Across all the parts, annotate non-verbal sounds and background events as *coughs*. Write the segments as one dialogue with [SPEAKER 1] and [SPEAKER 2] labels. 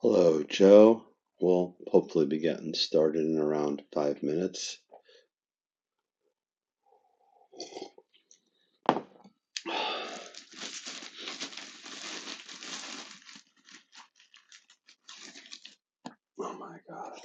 [SPEAKER 1] Hello, Joe. We'll hopefully be getting started in around five minutes. Oh my God.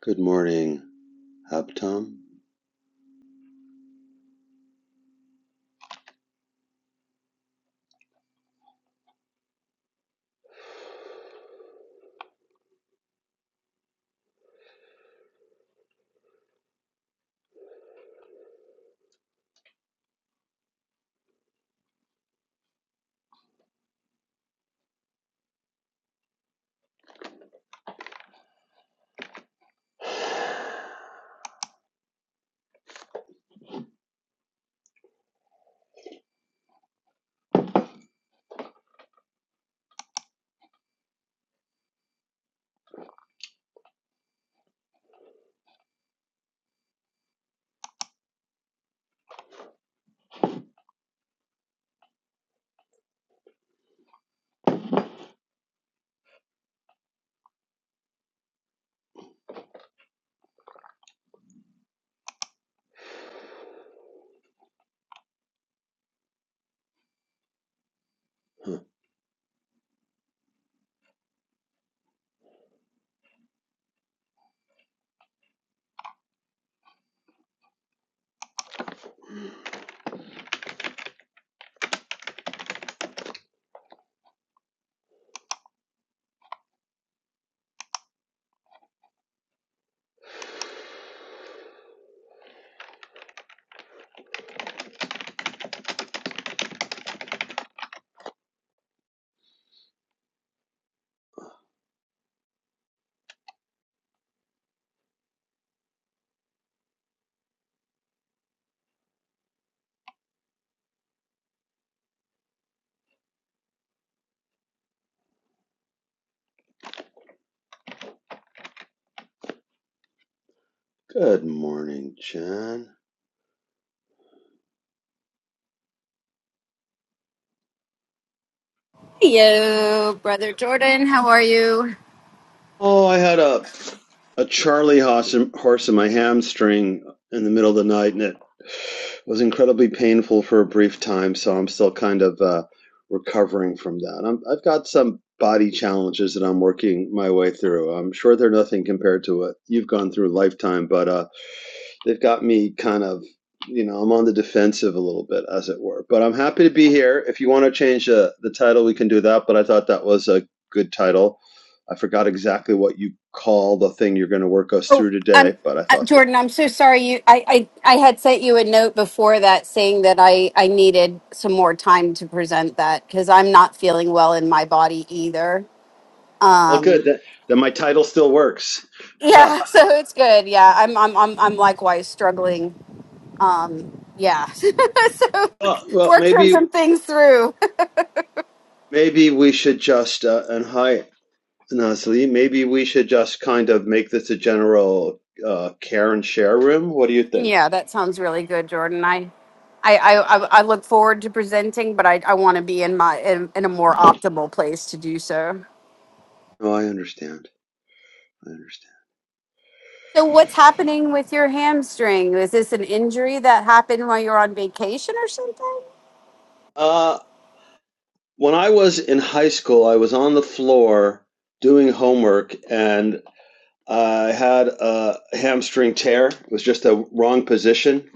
[SPEAKER 1] Good morning, Abtom. Huh. Good morning, John.
[SPEAKER 2] Hello, brother Jordan. How are you?
[SPEAKER 1] Oh, I had a a Charlie horse in, horse in my hamstring in the middle of the night, and it was incredibly painful for a brief time. So I'm still kind of uh, recovering from that. I'm, I've got some body challenges that I'm working my way through. I'm sure they're nothing compared to what you've gone through lifetime, but uh, they've got me kind of, you know, I'm on the defensive a little bit, as it were. But I'm happy to be here. If you want to change the the title, we can do that. But I thought that was a good title. I forgot exactly what you call the thing you're going to work us
[SPEAKER 2] Oh,
[SPEAKER 1] through
[SPEAKER 2] um,
[SPEAKER 1] today, but I
[SPEAKER 2] uh,
[SPEAKER 1] thought that.
[SPEAKER 2] Jordan, I'm so sorry. You, I, I, I had sent you a note before that saying that I, I needed some more time to present that because I'm not feeling well in my body either.
[SPEAKER 1] Well, good.
[SPEAKER 2] Um,
[SPEAKER 1] That, that my title still works. *laughs* well,
[SPEAKER 2] yeah, *laughs* so it's good. Yeah, I'm, I'm, I'm, I'm likewise struggling. Um, yeah, *laughs* so
[SPEAKER 1] well,
[SPEAKER 2] worked some
[SPEAKER 1] maybe
[SPEAKER 2] some things through.
[SPEAKER 1] maybe we should just uh, and hi Nasli. Maybe we should just kind of make this a general uh, care and share room. What do you think?
[SPEAKER 2] Yeah, that sounds really good, Jordan. I, I, I, I I look forward to presenting, but I, I want to be in my in, in a more optimal place to do so.
[SPEAKER 1] Oh, I understand. I understand.
[SPEAKER 2] So, what's happening with your hamstring? Is this an injury that happened while you're on vacation or something?
[SPEAKER 1] Uh, When I was in high school, I was on the floor doing homework and I had a hamstring tear. It was just a wrong position.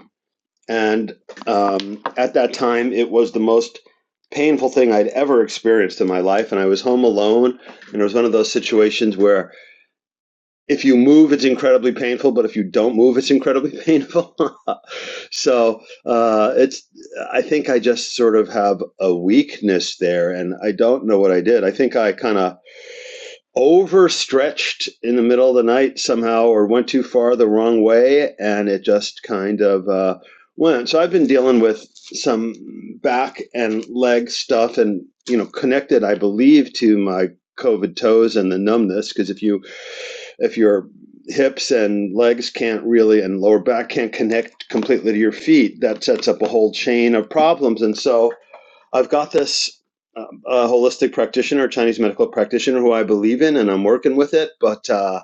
[SPEAKER 1] And um, at that time, it was the most painful thing I'd ever experienced in my life. And I was home alone. And it was one of those situations where if you move, it's incredibly painful, but if you don't move, it's incredibly *laughs* painful so uh, it's i think i just sort of have a weakness there and i don't know what i did i think i kind of overstretched in the middle of the night somehow or went too far the wrong way and it just kind of uh, went so i've been dealing with some back and leg stuff and you know connected i believe to my covid toes and the numbness because if you if your hips and legs can't really and lower back can't connect completely to your feet that sets up a whole chain of problems and so I've got this um, a holistic practitioner, Chinese medical practitioner who I believe in, and I'm working with it. But uh,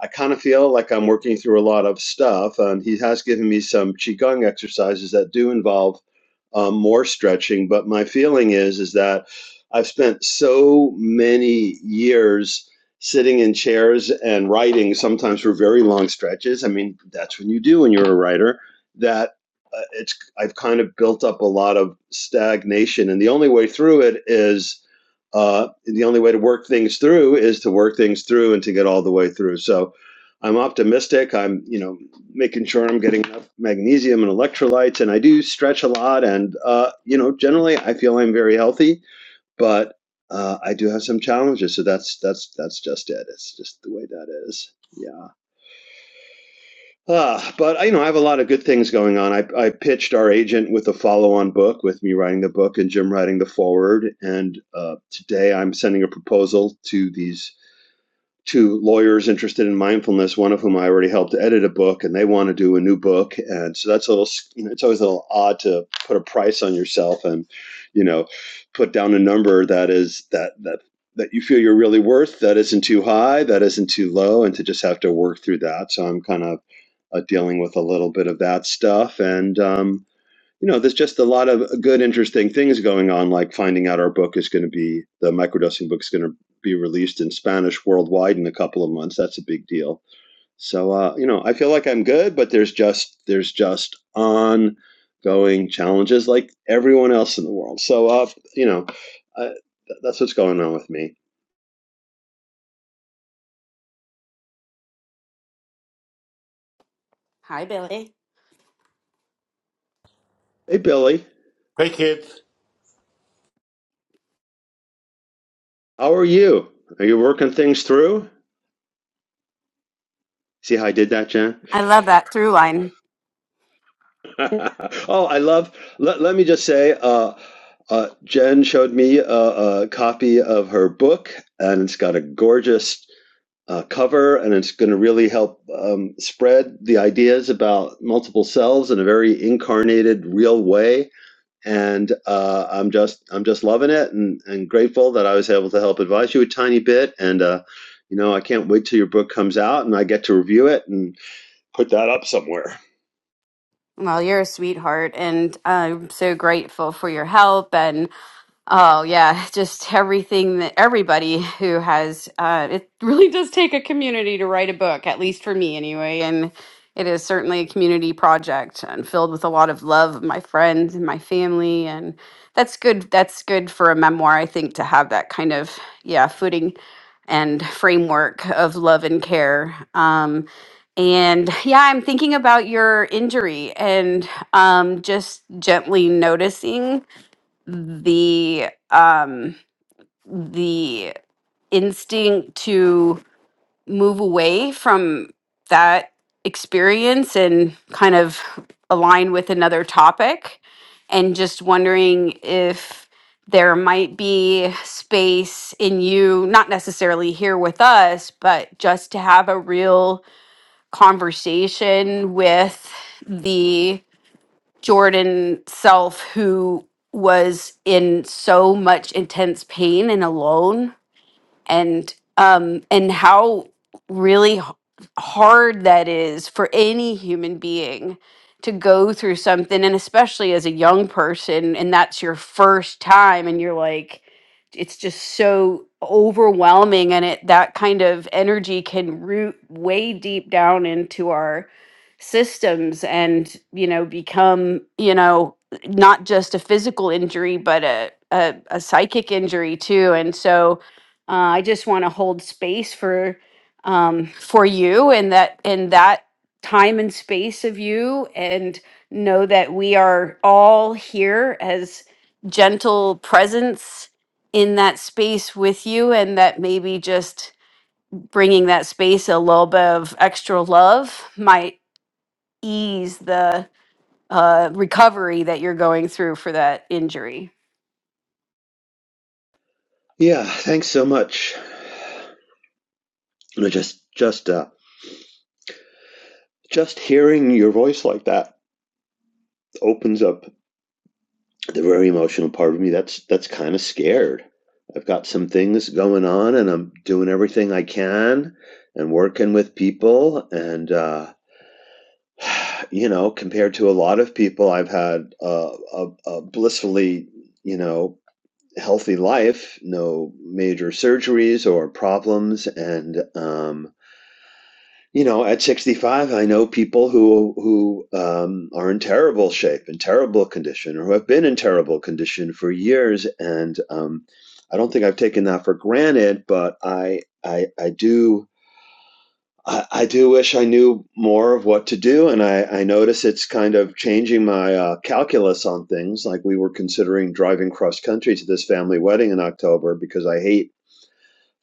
[SPEAKER 1] I kind of feel like I'm working through a lot of stuff. And he has given me some qigong exercises that do involve um, more stretching. But my feeling is is that I've spent so many years sitting in chairs and writing, sometimes for very long stretches. I mean, that's when you do when you're a writer. That uh, it's I've kind of built up a lot of stagnation, and the only way through it is uh, the only way to work things through is to work things through and to get all the way through. So I'm optimistic. I'm, you know, making sure I'm getting enough magnesium and electrolytes, and I do stretch a lot. And uh, you know, generally, I feel I'm very healthy, but uh, I do have some challenges. So that's that's that's just it. It's just the way that is. Yeah. Uh, but you know, I have a lot of good things going on. I, I pitched our agent with a follow-on book, with me writing the book and Jim writing the forward. And uh, today, I'm sending a proposal to these to lawyers interested in mindfulness, one of whom I already helped edit a book, and they want to do a new book. And so that's a little, you know, it's always a little odd to put a price on yourself and, you know, put down a number that is that that that you feel you're really worth. That isn't too high, that isn't too low, and to just have to work through that. So I'm kind of uh, dealing with a little bit of that stuff, and um, you know, there's just a lot of good, interesting things going on, like finding out our book is going to be the microdosing book is going to be released in Spanish worldwide in a couple of months. That's a big deal. So, uh, you know, I feel like I'm good, but there's just there's just ongoing challenges like everyone else in the world. So, uh, you know, uh, that's what's going on with me.
[SPEAKER 2] Hi, Billy.
[SPEAKER 1] Hey, Billy,
[SPEAKER 3] Hey, kids.
[SPEAKER 1] how are you? Are you working things through? See how I did that, Jen?
[SPEAKER 2] I love that through line.
[SPEAKER 1] *laughs* Oh, I love. Let, let me just say, uh, uh, Jen showed me a, a copy of her book, and it's got a gorgeous uh, cover, and it's going to really help um, spread the ideas about multiple selves in a very incarnated, real way. And uh, I'm just, I'm just loving it, and, and grateful that I was able to help advise you a tiny bit. And uh, you know, I can't wait till your book comes out, and I get to review it and put that up somewhere.
[SPEAKER 2] Well, you're a sweetheart, and I'm so grateful for your help. And Oh yeah, *laughs* just everything that everybody who has uh, it really does take a community to write a book, at least for me anyway. And it is certainly a community project and filled with a lot of love of my friends and my family, and that's good. That's good for a memoir, I think, to have that kind of yeah footing and framework of love and care. Um, and yeah, I'm thinking about your injury and um, just gently noticing the um the instinct to move away from that experience and kind of align with another topic and just wondering if there might be space in you not necessarily here with us but just to have a real conversation with the. Jordan self who was in so much intense pain and alone and um and how really h- hard that is for any human being to go through something and especially as a young person and that's your first time and you're like it's just so overwhelming and it that kind of energy can root way deep down into our systems and you know become you know not just a physical injury but a a, a psychic injury too and so uh, I just want to hold space for um, for you and that in that time and space of you, and know that we are all here as gentle presence in that space with you, and that maybe just bringing that space a little bit of extra love might ease the uh, recovery that you're going through for that injury.
[SPEAKER 1] Yeah, thanks so much. And just just uh, just hearing your voice like that opens up the very emotional part of me that's that's kind of scared. I've got some things going on, and I'm doing everything I can, and working with people, and uh, *sighs* you know, compared to a lot of people, I've had uh, a, a blissfully, you know, healthy life, no major surgeries or problems, and um, you know, at 65, I know people who who um, are in terrible shape, in terrible condition, or who have been in terrible condition for years. And um, I don't think I've taken that for granted, but I I, I do I, I do wish I knew more of what to do. And I, I notice it's kind of changing my uh, calculus on things. Like we were considering driving cross country to this family wedding in October because I hate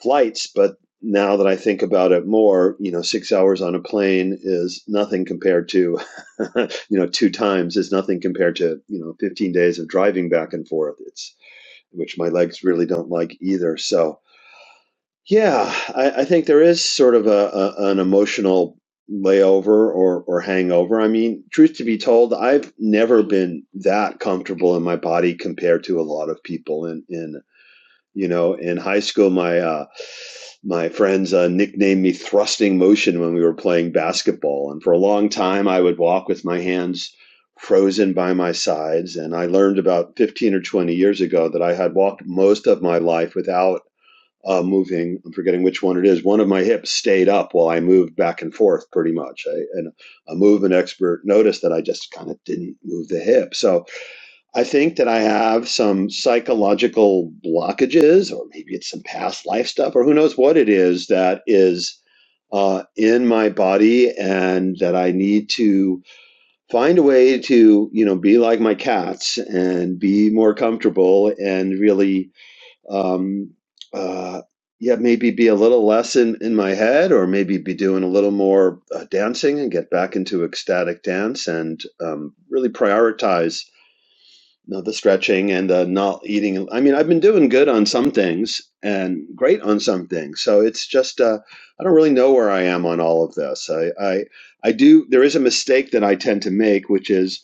[SPEAKER 1] flights, but now that I think about it more, you know, six hours on a plane is nothing compared to, *laughs* you know, two times is nothing compared to, you know, 15 days of driving back and forth. It's, which my legs really don't like either. So, yeah, I, I think there is sort of a, a an emotional layover or, or hangover. I mean, truth to be told, I've never been that comfortable in my body compared to a lot of people. In, in you know, in high school, my uh, my friends uh, nicknamed me thrusting motion when we were playing basketball and for a long time i would walk with my hands frozen by my sides and i learned about 15 or 20 years ago that i had walked most of my life without uh, moving i'm forgetting which one it is one of my hips stayed up while i moved back and forth pretty much I, and a movement expert noticed that i just kind of didn't move the hip so I think that I have some psychological blockages, or maybe it's some past life stuff, or who knows what it is that is uh, in my body, and that I need to find a way to, you know, be like my cats and be more comfortable and really, um, uh, yeah, maybe be a little less in, in my head, or maybe be doing a little more uh, dancing and get back into ecstatic dance and um, really prioritize no, the stretching and the not eating. I mean, I've been doing good on some things and great on some things. So it's just uh, I don't really know where I am on all of this. I, I I do. There is a mistake that I tend to make, which is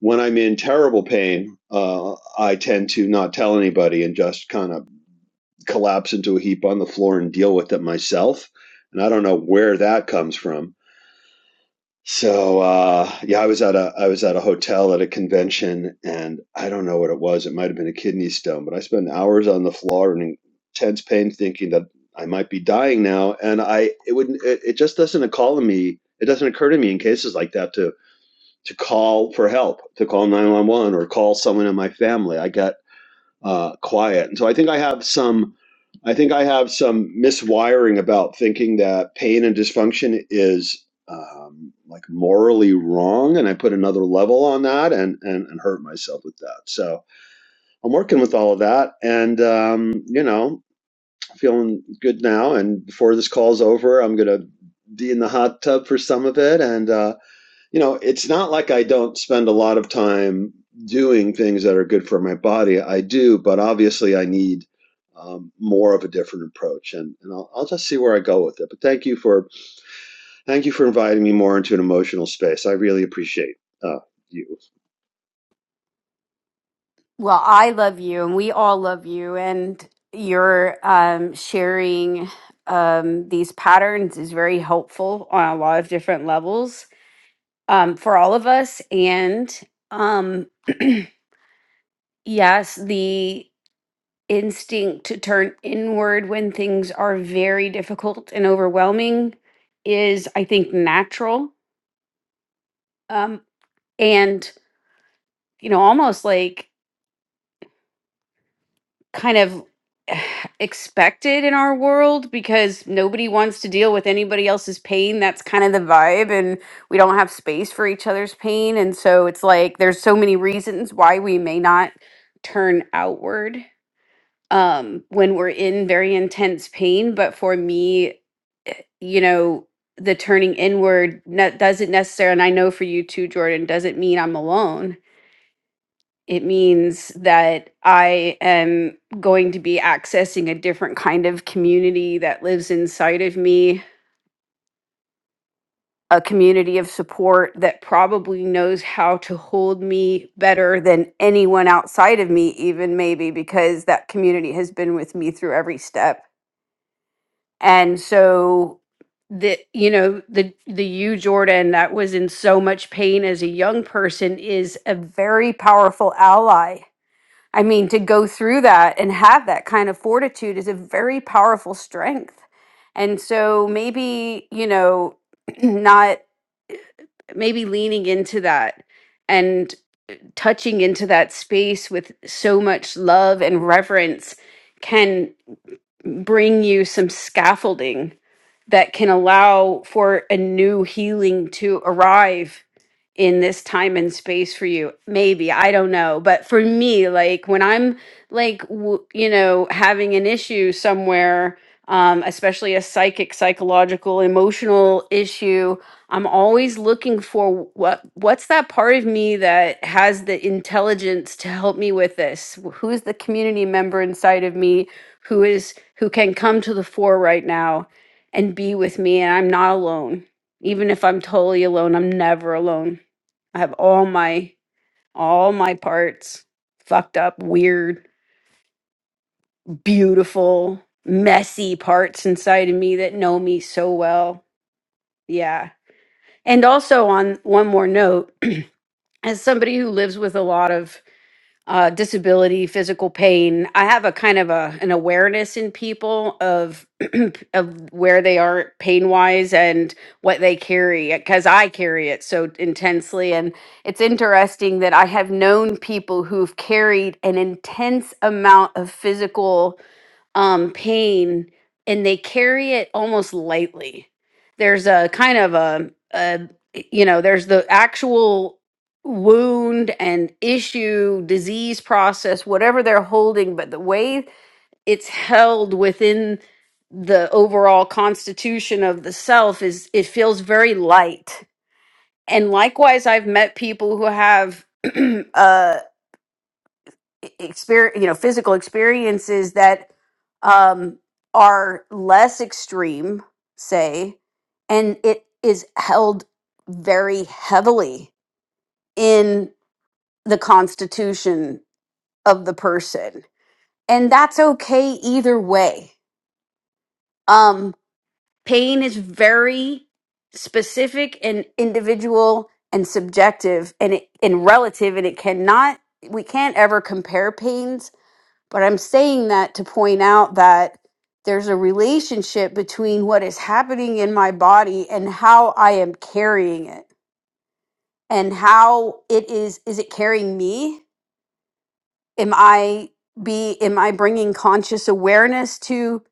[SPEAKER 1] when I'm in terrible pain, uh, I tend to not tell anybody and just kind of collapse into a heap on the floor and deal with it myself. And I don't know where that comes from. So uh, yeah, I was at a I was at a hotel at a convention, and I don't know what it was. It might have been a kidney stone, but I spent hours on the floor in intense pain, thinking that I might be dying now. And I it wouldn't it, it just doesn't occur to me. It doesn't occur to me in cases like that to to call for help, to call nine one one or call someone in my family. I got uh, quiet. And so I think I have some, I think I have some miswiring about thinking that pain and dysfunction is um, like morally wrong, and I put another level on that and and, and hurt myself with that. So I'm working with all of that, and um, you know, feeling good now. And before this call's over, I'm gonna be in the hot tub for some of it, and. uh, you know, it's not like I don't spend a lot of time doing things that are good for my body. I do, but obviously I need um, more of a different approach, and, and I'll, I'll just see where I go with it. But thank you for thank you for inviting me more into an emotional space. I really appreciate uh, you.
[SPEAKER 2] Well, I love you, and we all love you, and your um, sharing um, these patterns is very helpful on a lot of different levels um, for all of us. And um, *clears throat* yes, the instinct to turn inward when things are very difficult and overwhelming is, I think, natural um, and you know, almost like kind of *sighs* expected in our world because nobody wants to deal with anybody else's pain. That's kind of the vibe. And we don't have space for each other's pain. And so it's like there's so many reasons why we may not turn outward um, when we're in very intense pain. But for me, eh, you know, the turning inward ne- doesn't necessarily, and I know for you too, Jordan, doesn't mean I'm alone it means that I am going to be accessing a different kind of community that lives inside of me, a community of support that probably knows how to hold me better than anyone outside of me, even maybe because that community has been with me through every step. And so the you know the the you jordan that was in so much pain as a young person is a very powerful ally I mean, to go through that and have that kind of fortitude is a very powerful strength. And so maybe, you know, *clears throat* not maybe leaning into that and touching into that space with so much love and reverence can bring you some scaffolding that can allow for a new healing to arrive in this time and space for you maybe i don't know but for me like when i'm like w- you know having an issue somewhere um, especially a psychic psychological emotional issue i'm always looking for what what's that part of me that has the intelligence to help me with this who's the community member inside of me who is who can come to the fore right now and be with me and i'm not alone even if i'm totally alone i'm never alone I have all my all my parts fucked up, weird, beautiful, messy parts inside of me that know me so well. Yeah. And also on one more note, as somebody who lives with a lot of uh, disability, physical pain. I have a kind of a an awareness in people of *clears throat* of where they are pain wise and what they carry because I carry it so intensely. And it's interesting that I have known people who've carried an intense amount of physical um pain and they carry it almost lightly there's a kind of a, a you know there's the actual wound and issue disease process whatever they're holding but the way it's held within the overall constitution of the self is it feels very light and likewise i've met people who have *clears throat* uh experience, you know, physical experiences that um, are less extreme, say, and it is held very heavily in the constitution of the person. And that's okay either way. Um, pain is very specific and individual and subjective and, it, and relative, and it cannot, we can't ever compare pains But I'm saying that to point out that there's a relationship between what is happening in my body and how I am carrying it and how it is is it carrying me? Am I be am I bringing conscious awareness to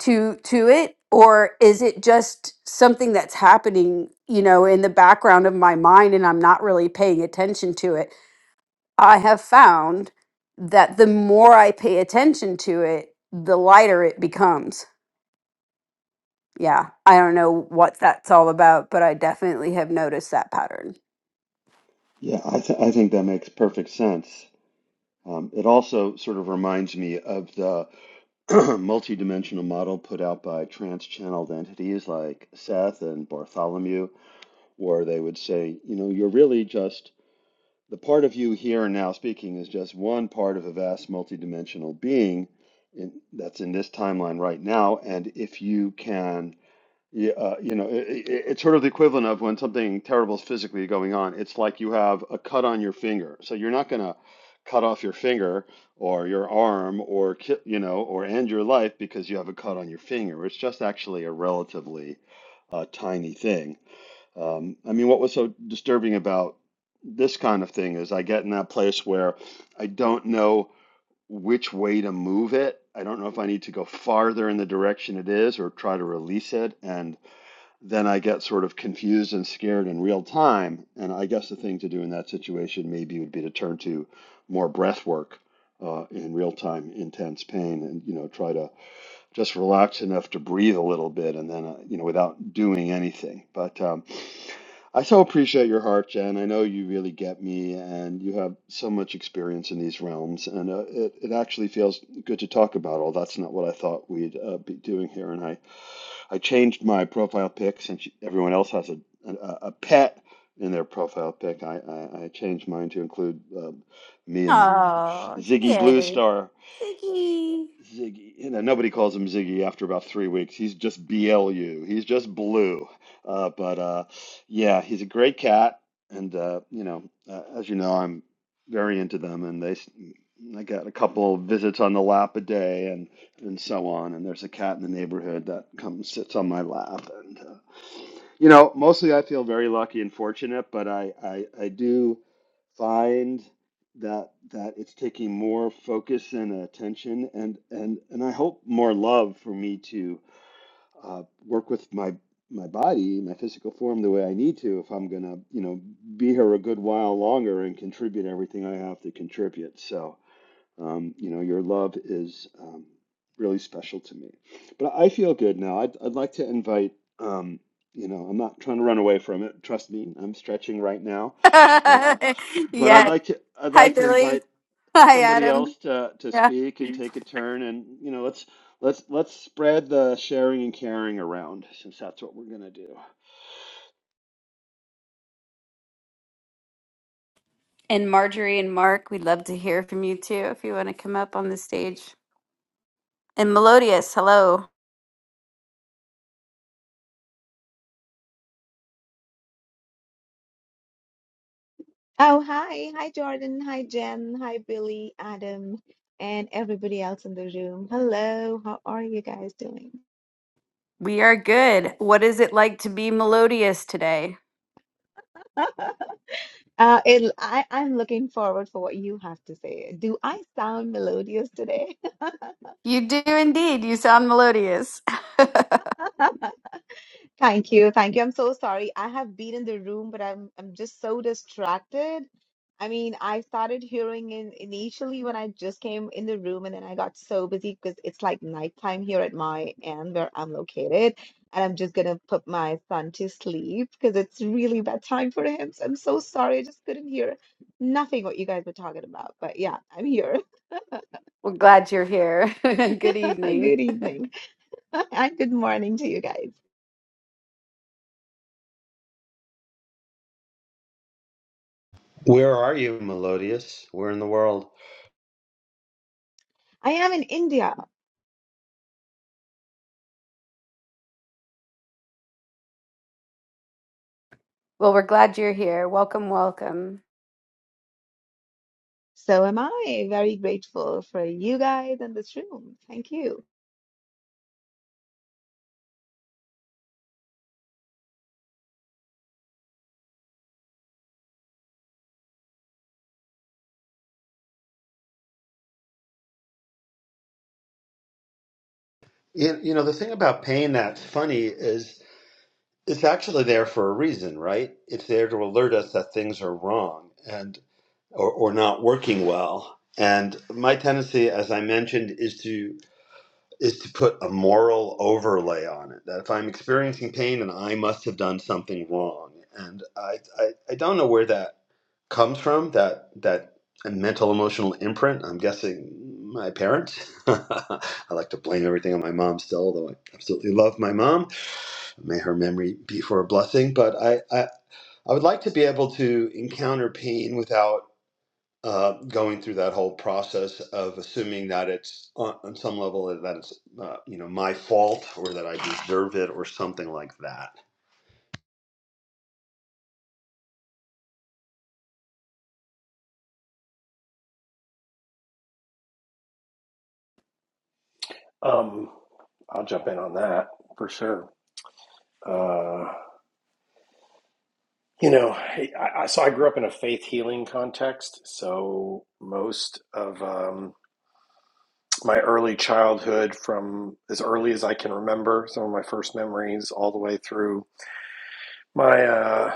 [SPEAKER 2] to to it or is it just something that's happening, you know, in the background of my mind and I'm not really paying attention to it? I have found that the more I pay attention to it, the lighter it becomes. Yeah, I don't know what that's all about, but I definitely have noticed that pattern.
[SPEAKER 1] Yeah, I, th- I think that makes perfect sense. Um, it also sort of reminds me of the *clears throat* multidimensional model put out by trans channeled entities like Seth and Bartholomew. or they would say, you know, you're really just the part of you here and now speaking is just one part of a vast multidimensional being in, that's in this timeline right now. And if you can, uh, you know, it, it, it's sort of the equivalent of when something terrible is physically going on. It's like you have a cut on your finger, so you're not going to cut off your finger or your arm or ki- you know or end your life because you have a cut on your finger. It's just actually a relatively uh, tiny thing um, I mean, what was so disturbing about this kind of thing is I get in that place where I don't know which way to move it. I don't know if I need to go farther in the direction it is or try to release it. And then I get sort of confused and scared in real time. And I guess the thing to do in that situation maybe would be to turn to more breath work uh, in real time, intense pain, and, you know, try to just relax enough to breathe a little bit and then, uh, you know, without doing anything. But um, I so appreciate your heart, Jen. I know you really get me and you have so much experience in these realms. And uh, it, it actually feels good to talk about, all that's not what I thought we'd uh, be doing here. And I, I changed my profile pic since everyone else has a, a, a pet. In their profile pic, I, I, I changed mine to include uh, me and
[SPEAKER 2] Oh,
[SPEAKER 1] Ziggy Blue
[SPEAKER 2] yay.
[SPEAKER 1] Star.
[SPEAKER 2] Ziggy.
[SPEAKER 1] Ziggy, you know, nobody calls him Ziggy after about three weeks. He's just BLU. He's just blue. Uh, but uh, yeah, he's a great cat, and uh, you know, uh, as you know, I'm very into them, and they, s- I got a couple visits on the lap a day, and and so on. And there's a cat in the neighborhood that comes sits on my lap, and uh, you know, mostly I feel very lucky and fortunate, but I I, I do find that that it's taking more focus and attention and and and I hope more love for me to uh, work with my my body, my physical form the way I need to if I'm gonna, you know, be here a good while longer and contribute everything I have to contribute. So um, you know, your love is um, really special to me. But I feel good now. I'd, I'd like to invite, um, you know, I'm not trying to run away from it. Trust me, I'm stretching right now. Uh,
[SPEAKER 2] *laughs*
[SPEAKER 1] but I'd
[SPEAKER 2] yeah.
[SPEAKER 1] like to, I'd
[SPEAKER 2] Hi,
[SPEAKER 1] like to
[SPEAKER 2] Billy.
[SPEAKER 1] invite
[SPEAKER 2] *laughs* Hi,
[SPEAKER 1] somebody
[SPEAKER 2] Adam.
[SPEAKER 1] else to to
[SPEAKER 2] Yeah.
[SPEAKER 1] speak and take a turn, and you know, let's let's let's spread the sharing and caring around, since that's what we're gonna do.
[SPEAKER 2] And Marjorie and Mark, we'd love to hear from you too if you want to come up on the stage. And Melodious, hello.
[SPEAKER 4] Oh, hi. Hi, Jordan. Hi, Jen. Hi, Billy, Adam, and everybody else in the room. Hello. How are you guys doing?
[SPEAKER 2] We are good. What is it like to be melodious today?
[SPEAKER 4] *laughs* Uh, it, I, I'm looking forward for what you have to say. Do I sound melodious today?
[SPEAKER 2] You do indeed. You sound melodious.
[SPEAKER 4] *laughs* Thank you. Thank you. I'm so sorry. I have been in the room, but I'm I'm just so distracted. I mean, I started hearing in initially when I just came in the room, and then I got so busy because it's like nighttime here at my end where I'm located, and I'm just gonna put my son to sleep because it's really bad time for him. So I'm so sorry. I just couldn't hear nothing what you guys were talking about. But yeah, I'm here.
[SPEAKER 2] *laughs* We're glad you're here. *laughs*
[SPEAKER 4] *laughs*
[SPEAKER 2] Good evening.
[SPEAKER 4] Good evening *laughs* and good morning to you guys.
[SPEAKER 1] Where are you, Melodious? Where in the world?
[SPEAKER 4] I am in India.
[SPEAKER 2] Well, we're glad you're here. Welcome, welcome.
[SPEAKER 4] So am I very grateful for you guys in this room. Thank you.
[SPEAKER 1] You, you know, the thing about pain that's funny is It's actually there for a reason, right? It's there to alert us that things are wrong and or, or not working well. And my tendency, as I mentioned, is to is to put a moral overlay on it. That if I'm experiencing pain, then I must have done something wrong. And I I, I don't know where that comes from. That that mental emotional imprint. I'm guessing my parents. *laughs* I like to blame everything on my mom still, although I absolutely love my mom May her memory be for a blessing. But I, I, I would like to be able to encounter pain without uh, going through that whole process of assuming that it's on, on some level that it's uh, you know my fault or that I deserve it or something like that.
[SPEAKER 5] Um, I'll jump in on that for sure. Uh, you know, hey, I, I, so I grew up in a faith healing context. So most of um, my early childhood, from as early as I can remember, some of my first memories, all the way through my uh,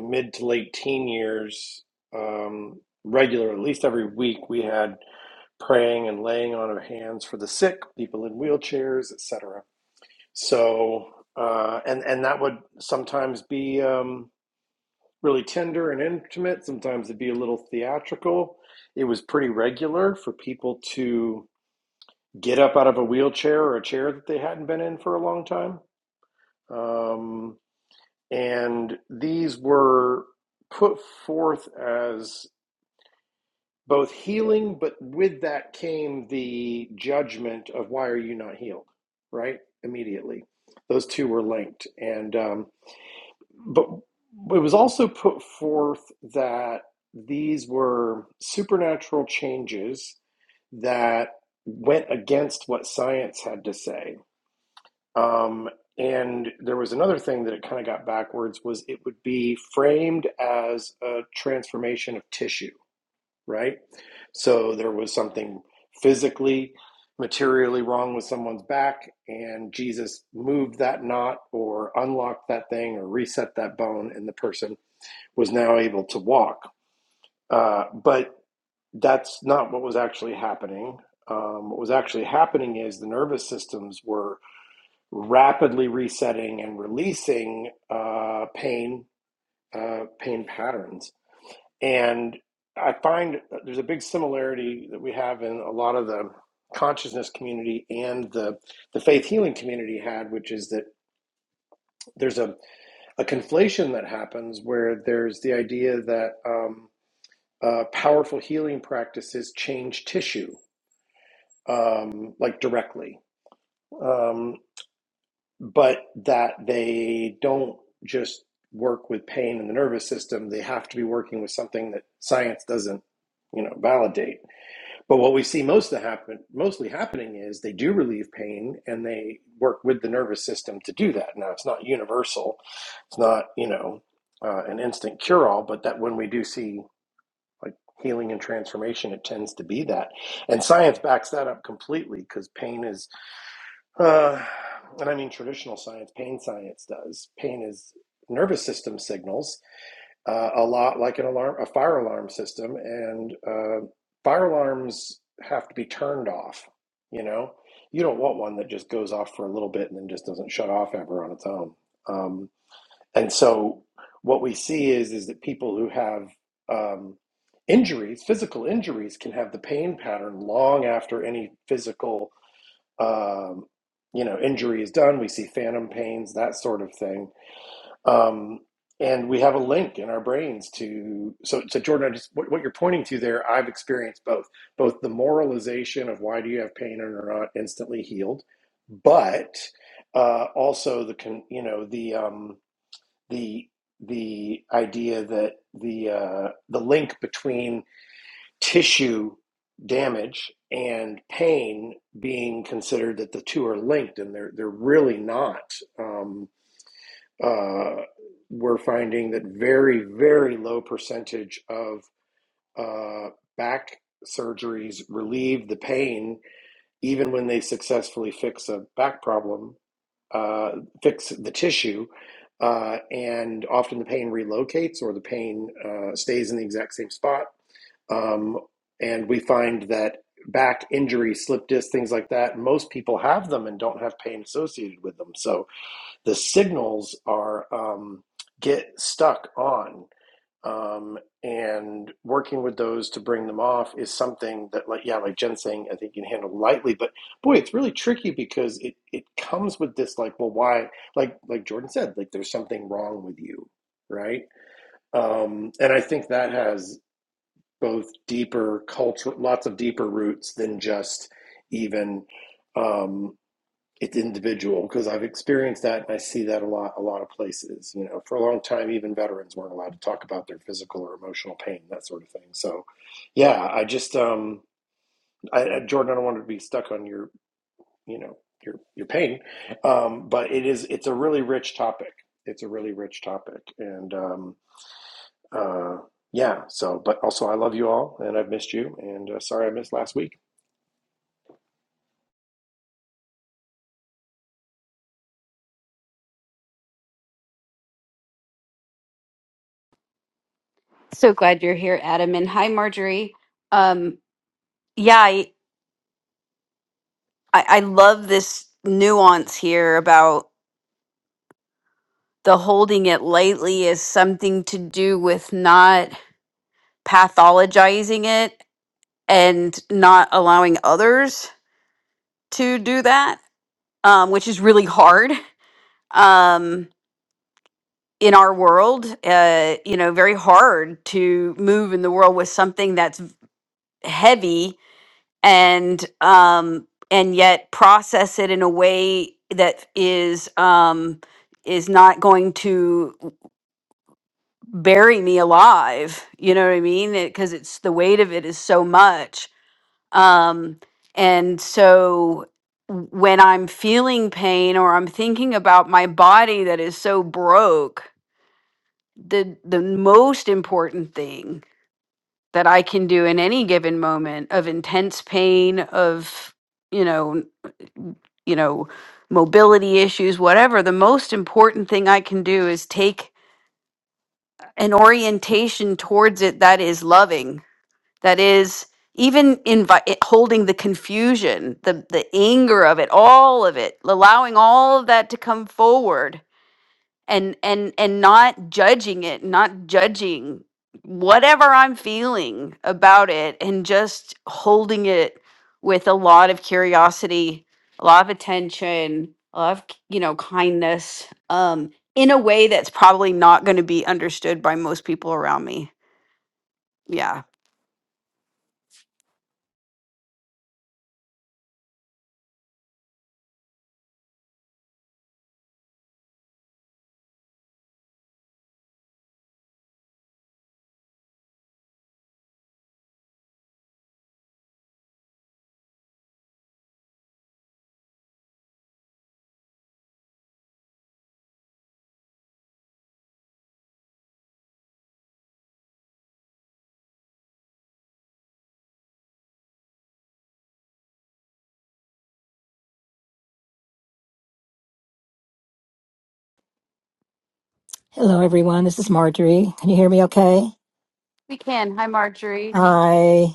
[SPEAKER 5] mid to late teen years, um, regular, at least every week, we had praying and laying on of hands for the sick, people in wheelchairs, etc. So, uh, and and that would sometimes be um, really tender and intimate. Sometimes it'd be a little theatrical. It was pretty regular for people to get up out of a wheelchair or a chair that they hadn't been in for a long time. Um, and these were put forth as both healing, but with that came the judgment of why are you not healed, right? Immediately. Those two were linked. And um, but it was also put forth that these were supernatural changes that went against what science had to say. Um, and there was another thing that it kind of got backwards was it would be framed as a transformation of tissue right? So there was something physically, materially wrong with someone's back, and Jesus moved that knot or unlocked that thing or reset that bone, and the person was now able to walk. Uh, but that's not what was actually happening. Um, what was actually happening is the nervous systems were rapidly resetting and releasing uh, pain uh, pain patterns and I find there's a big similarity that we have in a lot of the consciousness community and the, the faith healing community had, which is that there's a, a conflation that happens where there's the idea that um, uh, powerful healing practices change tissue, um, like directly, um, but that they don't just work with pain in the nervous system. They have to be working with something that science doesn't, you know, validate But what we see most of happen, mostly happening is they do relieve pain and they work with the nervous system to do that. Now, it's not universal. It's not, you know, uh, an instant cure all, but that when we do see like healing and transformation, it tends to be that. And science backs that up completely because pain is, uh, and I mean traditional science, pain science does. Pain is nervous system signals uh, a lot like an alarm, a fire alarm system, and uh, fire alarms have to be turned off. You know, you don't want one that just goes off for a little bit and then just doesn't shut off ever on its own. Um, and so, what we see is is that people who have um, injuries, physical injuries, can have the pain pattern long after any physical, um, you know, injury is done. We see phantom pains, that sort of thing um, and we have a link in our brains to so so jordan I just what, what you're pointing to there i've experienced both both the moralization of why do you have pain and are not instantly healed but uh, also the con, you know the um, the the idea that the uh, the link between tissue damage and pain being considered that the two are linked and they're they're really not Um, uh, we're finding that very, very low percentage of uh, back surgeries relieve the pain, even when they successfully fix a back problem, uh, fix the tissue. Uh, and often the pain relocates or the pain uh, stays in the exact same spot. Um, and we find that back injury, slip disc, things like that, most people have them and don't have pain associated with them. So the signals are um, get stuck on um, and working with those to bring them off is something that like yeah like jen's saying i think you can handle lightly but boy it's really tricky because it it comes with this like well why like like jordan said like there's something wrong with you right um and i think that has both deeper culture lots of deeper roots than just even um, it's individual because I've experienced that and I see that a lot a lot of places. You know, for a long time even veterans weren't allowed to talk about their physical or emotional pain, that sort of thing. So yeah, I just um I, Jordan, I don't want to be stuck on your, you know, your your pain. Um, but it is it's a really rich topic. It's a really rich topic. And um uh yeah, so but also I love you all and I've missed you and uh, sorry I missed last week.
[SPEAKER 2] So glad you're here, Adam. And hi, Marjorie. Um, yeah, I, I, I love this nuance here about the holding it lightly is something to do with not pathologizing it and not allowing others to do that, um, which is really hard. Um, in our world, uh, you know, very hard to move in the world with something that's heavy and um, and yet process it in a way that is um, is not going to bury me alive. You know what I mean? Because it's the weight of it is so much, um, and so when I'm feeling pain or I'm thinking about my body that is so broke the the most important thing that I can do in any given moment of intense pain of you know you know mobility issues whatever the most important thing I can do is take an orientation towards it that is loving that is even invi- holding the confusion the the anger of it all of it allowing all of that to come forward and and and not judging it not judging whatever i'm feeling about it and just holding it with a lot of curiosity a lot of attention a lot of you know kindness um in a way that's probably not going to be understood by most people around me yeah
[SPEAKER 6] Hello, everyone. This is Marjorie. Can you hear me okay?
[SPEAKER 2] we can hi marjorie
[SPEAKER 6] Hi.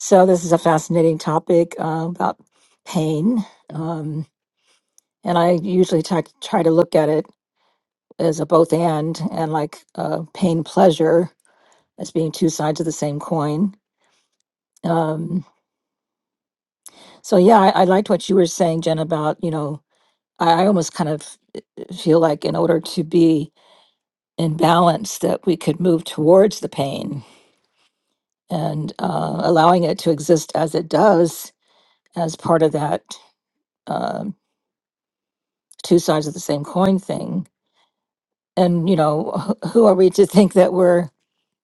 [SPEAKER 6] So, this is a fascinating topic uh, about pain. Um, and I usually try, try to look at it as a both and and like uh, pain pleasure as being two sides of the same coin. Um, so, yeah, I, I liked what you were saying, Jen, about, you know, I, I almost kind of feel like in order to be in balance, that we could move towards the pain and uh, allowing it to exist as it does as part of that um, two sides of the same coin thing. And you know, *laughs* who are we to think that we're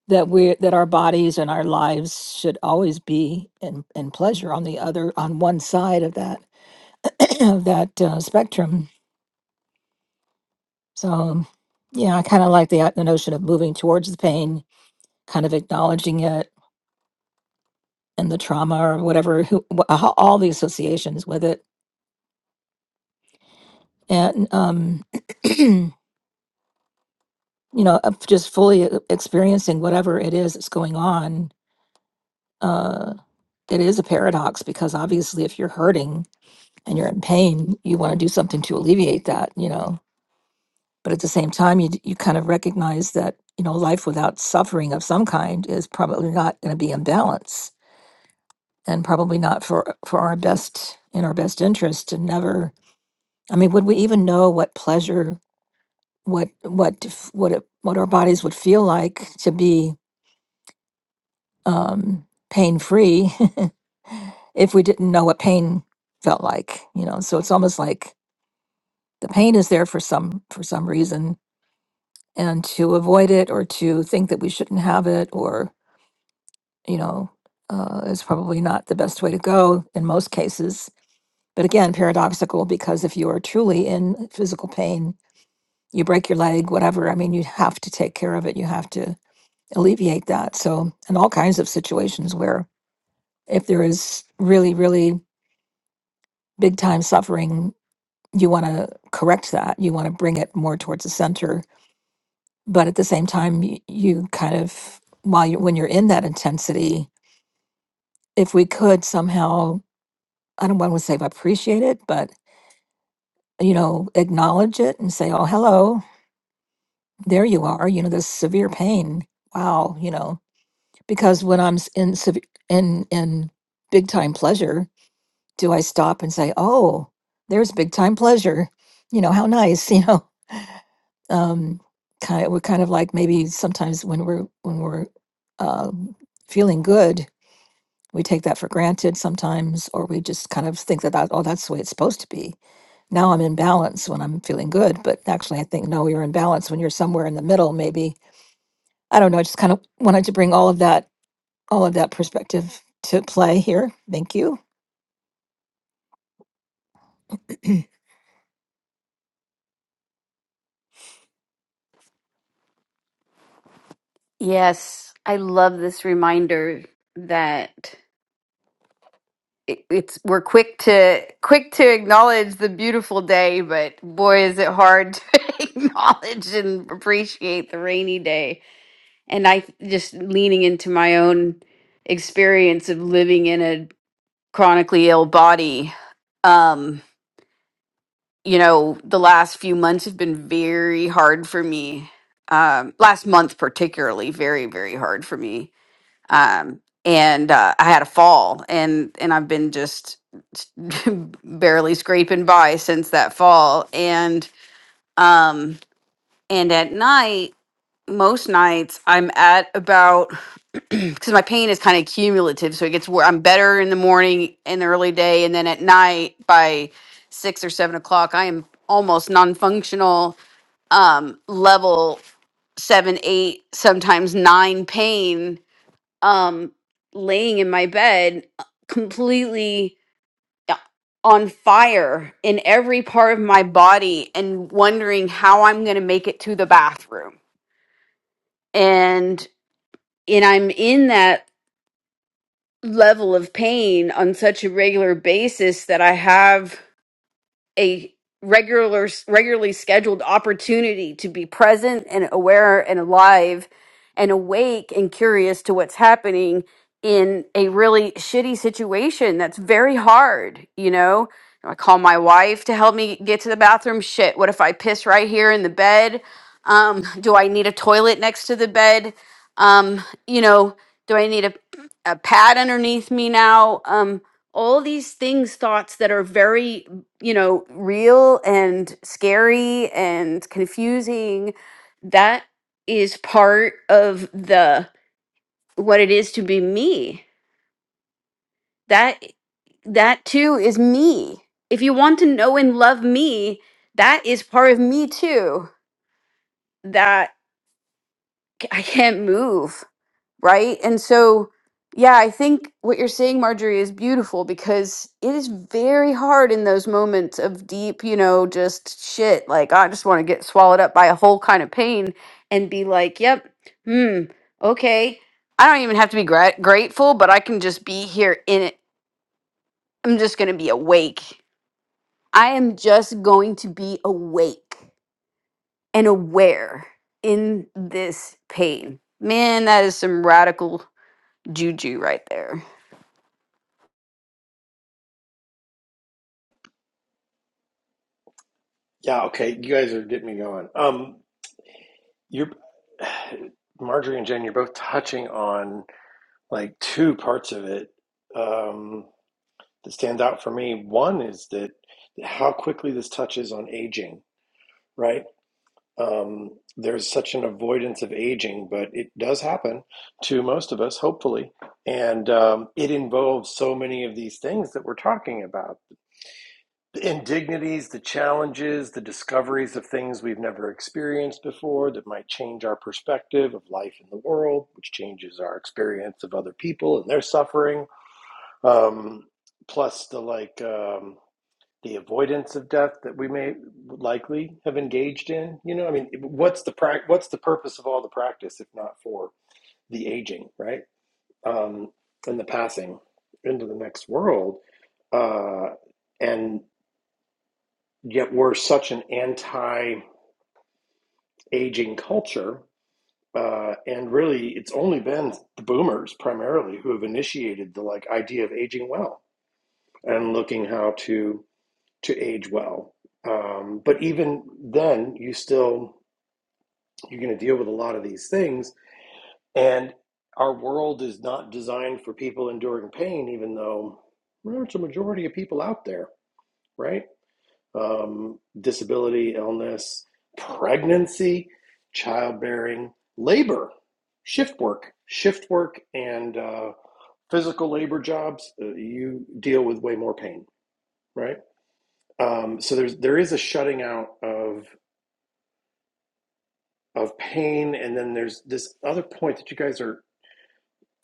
[SPEAKER 6] that we that our bodies and our lives should always be in, in pleasure on the other on one side of that *clears throat* of that uh, spectrum? So, yeah, I kind of like the the notion of moving towards the pain, kind of acknowledging it and the trauma or whatever, who, wh- all the associations with it, and um, *clears throat* you know, of just fully e- experiencing whatever it is that's going on, uh, it is a paradox because obviously, if you're hurting and you're in pain, you want to do something to alleviate that, you know. But at the same time, you d- you kind of recognize that you know life without suffering of some kind is probably not going to be in balance and probably not for for our best in our best interest And never. I mean, would we even know what pleasure, what what f- what it, what our bodies would feel like to be? um, pain free *laughs* if we didn't know what pain felt like you know so it's almost like the pain is there for some for some reason and to avoid it or to think that we shouldn't have it or you know uh, is probably not the best way to go in most cases but again paradoxical because if you are truly in physical pain you break your leg whatever i mean you have to take care of it you have to alleviate that so in all kinds of situations where if there is really really big time suffering, you want to correct that. You want to bring it more towards the center. But at the same time, y- you kind of, while you, when you're in that intensity, if we could somehow, I don't want to say appreciate it, but, you know, acknowledge it and say, oh, hello, there you are, you know, this severe pain. Wow, you know, because when I'm s- in, seve- in, in big time pleasure, do I stop and say, oh, there's big time pleasure? You know, how nice, *laughs* you know? um, kind of, we're kind of like maybe sometimes when we're when we're um, feeling good, we take that for granted sometimes, or we just kind of think about, oh, that's the way it's supposed to be. Now I'm in balance when I'm feeling good, but actually, I think no, you're in balance when you're somewhere in the middle. Maybe I don't know. I just kind of wanted to bring all of that all of that perspective to play here. Thank you.
[SPEAKER 2] yes i love this reminder that it- it's we're quick to quick to acknowledge the beautiful day, but boy, is it hard *laughs* to acknowledge and appreciate the rainy day. And I th- just leaning into my own experience of living in a chronically ill body. Um, you know, the last few months have been very hard for me. Um, last month particularly, very very hard for me um, and uh, I had a fall, and and I've been just *laughs* barely scraping by since that fall, and um, and at night. Most nights I'm at about *clears throat* because my pain is kind of cumulative, so it gets where I'm better in the morning in the early day, and then at night by six or seven o'clock I am almost non-functional um, level seven, eight, sometimes nine pain um laying in my bed uh, completely uh, on fire in every part of my body and wondering how I'm going to make it to the bathroom and and I'm in that level of pain on such a regular basis that I have a regular regularly scheduled opportunity to be present and aware and alive and awake and curious to what's happening in a really shitty situation that's very hard you know i call my wife to help me get to the bathroom shit what if i piss right here in the bed um, do i need a toilet next to the bed um, you know do i need a, a pad underneath me now um, all these things thoughts that are very you know, real and scary and confusing. That is part of the what it is to be me. That that too is me. If you want to know and love me, that is part of me too. That c- I can't move. right? And so, yeah, I think what you're saying, Marjorie, is beautiful because it is very hard in those moments of deep, you know, just shit. Like, I just want to get swallowed up by a whole kind of pain and be like, yep, hmm, okay. I don't even have to be gra- grateful, but I can just be here in it. I'm just going to be awake. I am just going to be awake and aware in this pain. Man, that is some radical juju right there.
[SPEAKER 5] Yeah, okay. You guys are getting me going. Um, you're *sighs* Marjorie and Jen, you're both touching on like two parts of it um, that stand out for me. One is that how quickly this touches on aging, right? um, there's such an avoidance of aging, but it does happen to most of us, hopefully. And um, it involves so many of these things that we're talking about the indignities, the challenges, the discoveries of things we've never experienced before that might change our perspective of life in the world, which changes our experience of other people and their suffering. Um, plus, the like, um, the avoidance of death that we may likely have engaged in you know i mean what's the prac? what's the purpose of all the practice if not for the aging right um and the passing into the next world uh and yet we're such an anti-aging culture uh, and really it's only been the boomers primarily who have initiated the like idea of aging well and looking how to to age well. Um, but even then, you still you're going to deal with a lot of these things, and our world is not designed for people enduring pain, even though there's a majority of people out there, right? Um, disability, illness, pregnancy, childbearing, labor, shift work, shift work, and uh, physical labor jobs. uh, You deal with way more pain, right? Um, so there's there is a shutting out of of pain and then there's this other point that you guys are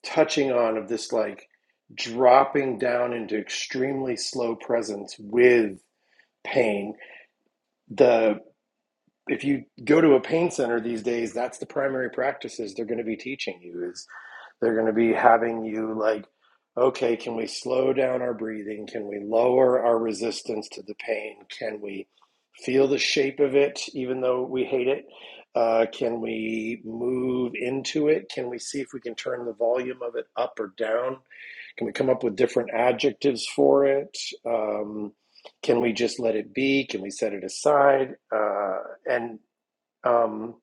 [SPEAKER 5] touching on of this like dropping down into extremely slow presence with pain the if you go to a pain center these days that's the primary practices they're going to be teaching you is. They're going to be having you like, okay, can we slow down our breathing? Can we lower our resistance to the pain? Can we feel the shape of it, even though we hate it? Uh, can we move into it? Can we see if we can turn the volume of it up or down? Can we come up with different adjectives for it? Um, can we just let it be? Can we set it aside? Uh, and um,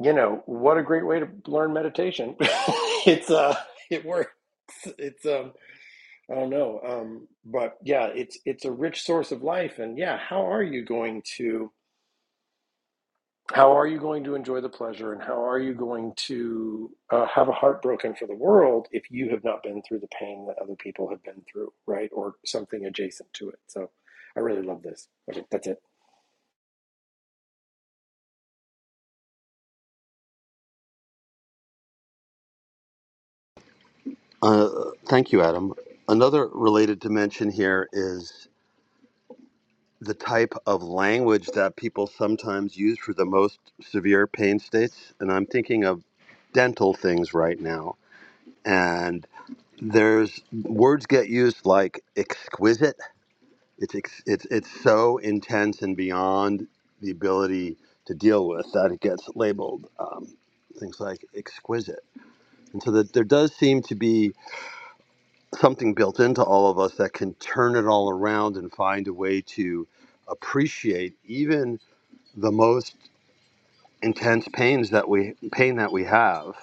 [SPEAKER 5] you know what a great way to learn meditation *laughs* it's uh it works it's um i don't know um but yeah it's it's a rich source of life and yeah how are you going to how are you going to enjoy the pleasure and how are you going to uh, have a heart broken for the world if you have not been through the pain that other people have been through right or something adjacent to it so i really love this okay that's it
[SPEAKER 1] Uh, thank you, Adam. Another related dimension here is the type of language that people sometimes use for the most severe pain states, and I'm thinking of dental things right now. and. there's words get used like exquisite. It's ex, it's it's so intense and beyond the ability to deal with that it gets labeled um, things like exquisite. And so that there does seem to be something built into all of us that can turn it all around and find a way to appreciate even the most intense pains that we pain that we have.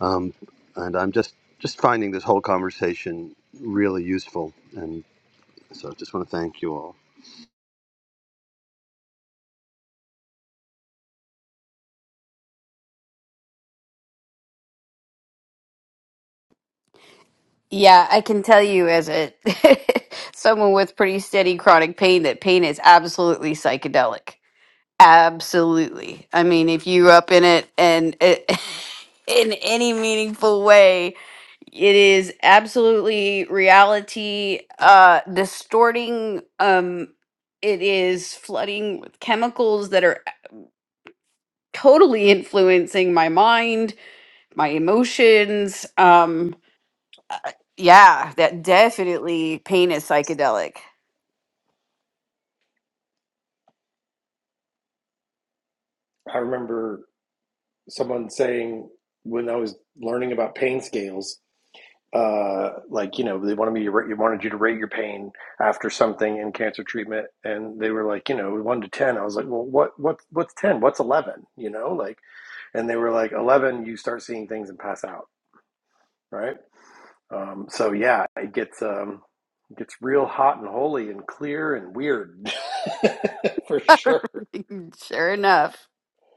[SPEAKER 1] Um, and I'm just just finding this whole conversation really useful and. So I just want to thank you all.
[SPEAKER 2] Yeah, I can tell you as a *laughs* someone with pretty steady chronic pain that pain is absolutely psychedelic. Absolutely. I mean, if you're up in it and it, *laughs* in any meaningful way, it is absolutely reality uh distorting um it is flooding with chemicals that are totally influencing my mind, my emotions. Um uh, yeah, that definitely pain is psychedelic.
[SPEAKER 5] i remember someone saying when i was learning about pain scales uh, like you know they wanted me to rate, wanted you to rate your pain after something in cancer treatment, and they were like you know one to ten. I was like, well, what what what's ten? What's eleven? You know, like, and they were like eleven. You start seeing things and pass out, right? Um, so yeah, it gets um, it gets real hot and holy and clear and weird *laughs* for sure.
[SPEAKER 2] *laughs* sure enough.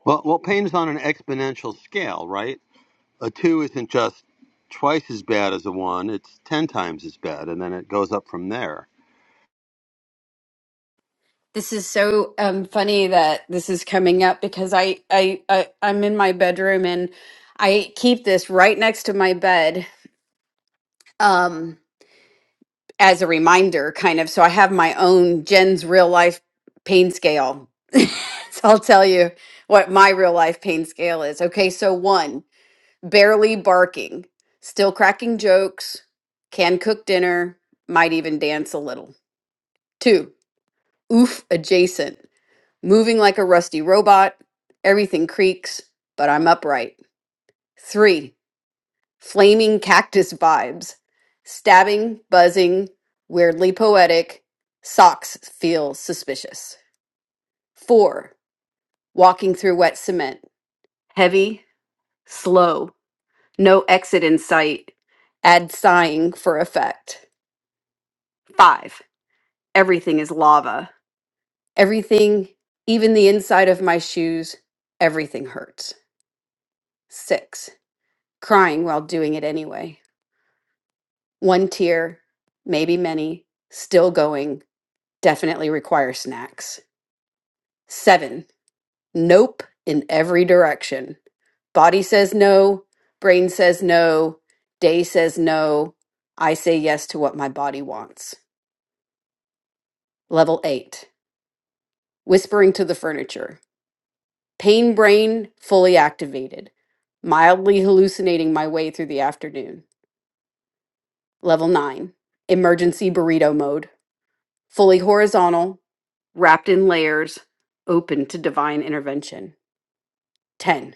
[SPEAKER 1] Well, well, pain is on an exponential scale, right? A two isn't just twice as bad as a one; it's ten times as bad, and then it goes up from there.
[SPEAKER 2] This is so um, funny that this is coming up because I, I I I'm in my bedroom and I keep this right next to my bed um, as a reminder, kind of. So I have my own Jen's real life pain scale. *laughs* so I'll tell you what my real life pain scale is. Okay, so one. barely barking, still cracking jokes, can cook dinner, might even dance a little. Two, oof adjacent, moving like a rusty robot, everything creaks, but I'm upright. Three, flaming cactus vibes, stabbing, buzzing, weirdly poetic, socks feel suspicious. Four, walking through wet cement, heavy, slow, no exit in sight, add sighing for effect. Five, everything is lava. Everything, even the inside of my shoes, everything hurts. Six, crying while doing it anyway. One tear, maybe many, still going, definitely require snacks. Seven, nope in every direction. Body says no, brain says no, day says no. I say yes to what my body wants. Level eight, whispering to the furniture. Pain brain fully activated. Mildly hallucinating my way through the afternoon. Level 9. Emergency burrito mode. Fully horizontal, wrapped in layers, open to divine intervention. 10.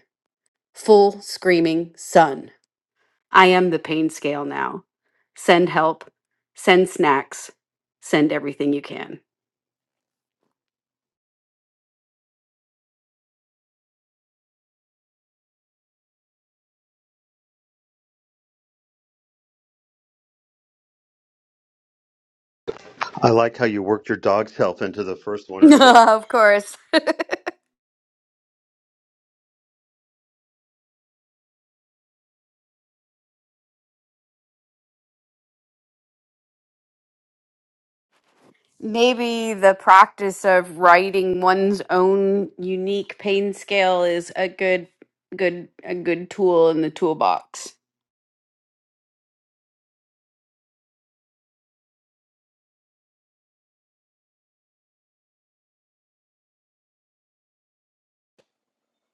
[SPEAKER 2] Full screaming sun. I am the pain scale now. Send help. Send snacks. Send everything you can.
[SPEAKER 1] I like how you worked your dog's health into the first one
[SPEAKER 2] *laughs*
[SPEAKER 1] or two.
[SPEAKER 2] of course. maybe the practice of writing one's own unique pain scale is a good good a good tool in the toolbox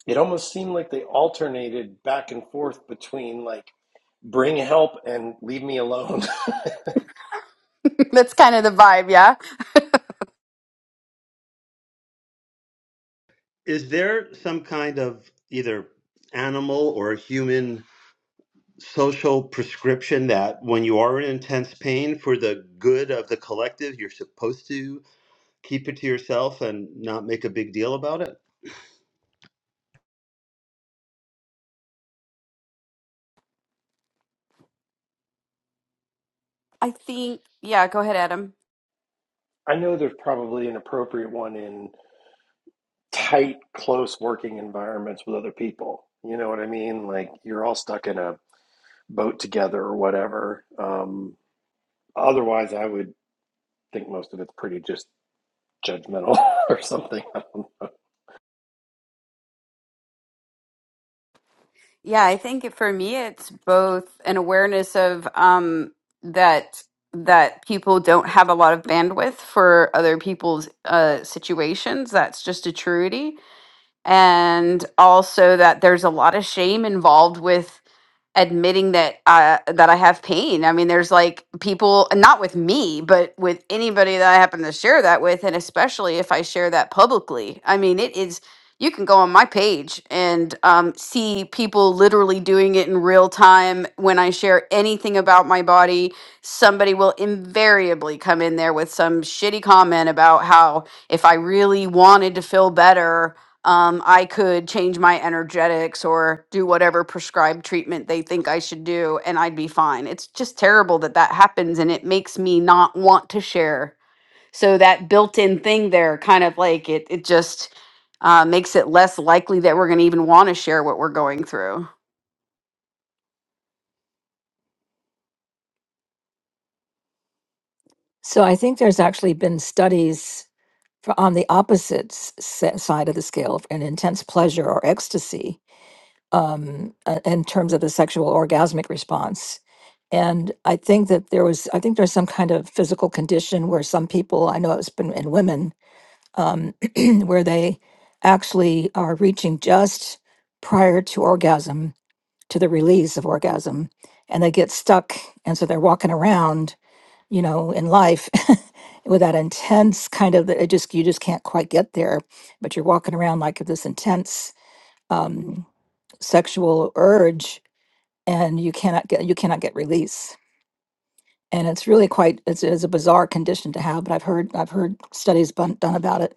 [SPEAKER 5] It almost seemed like they alternated back and forth between like bring help and leave me alone. *laughs*
[SPEAKER 2] *laughs* that's kind of the vibe yeah
[SPEAKER 1] Is there some kind of either animal or human social prescription that when you are in intense pain for the good of the collective, you're supposed to keep it to yourself and not make a big deal about it?
[SPEAKER 2] i think yeah go ahead adam
[SPEAKER 5] I know there's probably an appropriate one in tight, close working environments with other people. You know what I mean? Like you're all stuck in a boat together or whatever. Um, otherwise, I would think most of it's pretty just judgmental *laughs* or something. I don't know.
[SPEAKER 2] yeah i think it- for me it's both an awareness of um that that people don't have a lot of bandwidth for other people's uh situations that's just a truity and also that there's a lot of shame involved with admitting that uh that I have pain. I mean, there's like people not with me, but with anybody that I happen to share that with and especially if I share that publicly. I mean, it is you can go on my page and um, see people literally doing it in real time. When I share anything about my body, somebody will invariably come in there with some shitty comment about how if I really wanted to feel better, um, I could change my energetics or do whatever prescribed treatment they think I should do, and I'd be fine. It's just terrible that that happens, and it makes me not want to share. So that built-in thing there, kind of like it, it just uh, makes it less likely that we're going to even want to share what we're going through.
[SPEAKER 6] So I think there's actually been studies for on the opposite s- side of the scale, an intense pleasure or ecstasy um, a- in terms of the sexual orgasmic response. And I think that there was, I think there's some kind of physical condition where some people, I know it's been in women, um, *clears throat* where they actually are reaching just prior to orgasm, to the release of orgasm, and they get stuck. And so they're walking around, you know, in life *laughs* with that intense kind of, it just, you just can't quite get there, but you're walking around like this intense um, sexual urge and you cannot get you cannot get release and it's really quite it's, it's a bizarre condition to have but i've heard i've heard studies bun- done about it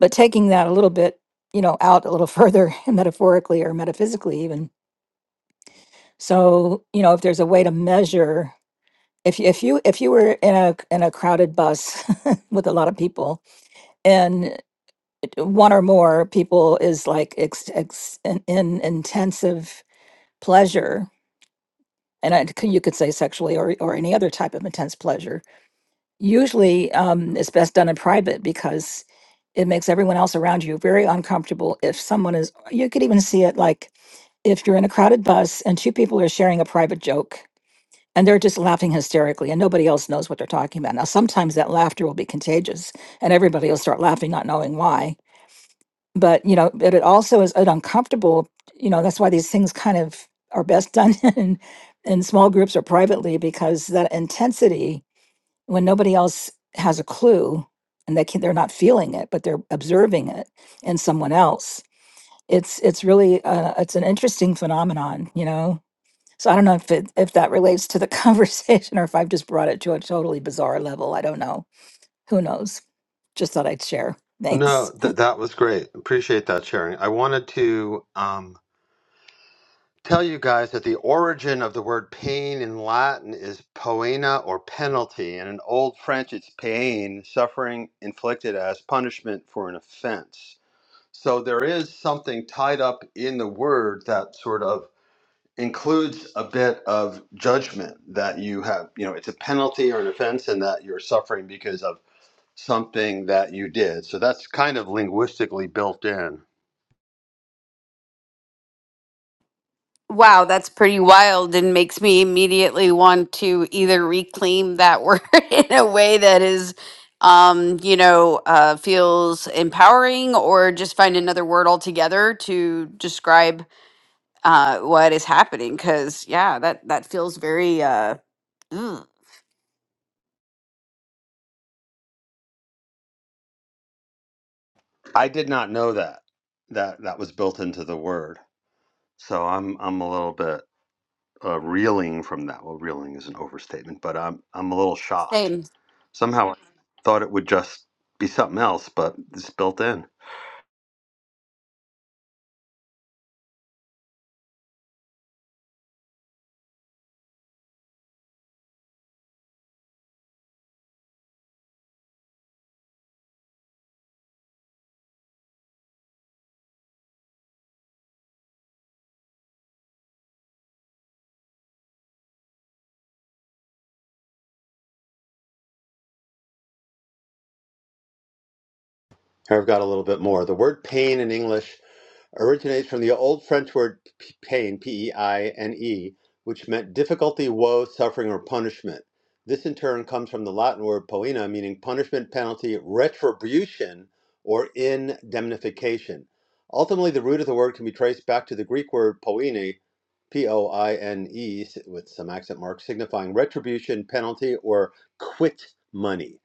[SPEAKER 6] but taking that a little bit you know out a little further *laughs* metaphorically or metaphysically even so you know if there's a way to measure if you if you if you were in a in a crowded bus *laughs* with a lot of people and one or more people is like ex, ex, in, in intensive pleasure and I, you could say sexually or or any other type of intense pleasure Usually, um, it's best done in private because it makes everyone else around you very uncomfortable. If someone is, you could even see it like if you're in a crowded bus and two people are sharing a private joke and they're just laughing hysterically and nobody else knows what they're talking about. Now, sometimes that laughter will be contagious and everybody will start laughing, not knowing why. But, you know, but it also is an uncomfortable, you know, that's why these things kind of are best done *laughs* in, in small groups or privately because that intensity when nobody else has a clue and they can, they're not feeling it but they're observing it in someone else it's it's really uh, it's an interesting phenomenon you know so i don't know if it if that relates to the *laughs* conversation or if i've just brought it to a totally bizarre level i don't know who knows just thought i'd share
[SPEAKER 1] No,
[SPEAKER 6] thanks
[SPEAKER 1] th- that was great. Appreciate that sharing. I wanted to um, tell you guys that the origin of the word pain in Latin is poena or penalty, and in Old French it's pain, suffering inflicted as punishment for an offense. So there is something tied up in the word that sort of includes a bit of judgment that you have, you know, it's a penalty or an offense, and that you're suffering because of something that you did. So that's kind of linguistically built in.
[SPEAKER 2] Wow, that's pretty wild and makes me immediately want to either reclaim that word *laughs* in a way that is, um, you know, uh, feels empowering or just find another word altogether to describe uh, what is happening. Because, yeah, that, that feels very uh, mm,
[SPEAKER 1] I did not know that that that was built into the word. So I'm I'm a little bit uh, reeling from that. Well, reeling is an overstatement, but I'm I'm a little shocked.
[SPEAKER 2] same.
[SPEAKER 1] Somehow I thought it would just be something else, but it's built in. Here I've got a little bit more. The word pain in English originates from the old French word p- pain, P E I N E, which meant difficulty, woe, suffering, or punishment. This in turn comes from the Latin word poena, meaning punishment, penalty, retribution, or indemnification. Ultimately, the root of the word can be traced back to the Greek word poene, P O I N E, with some accent marks, signifying retribution, penalty, or quit money.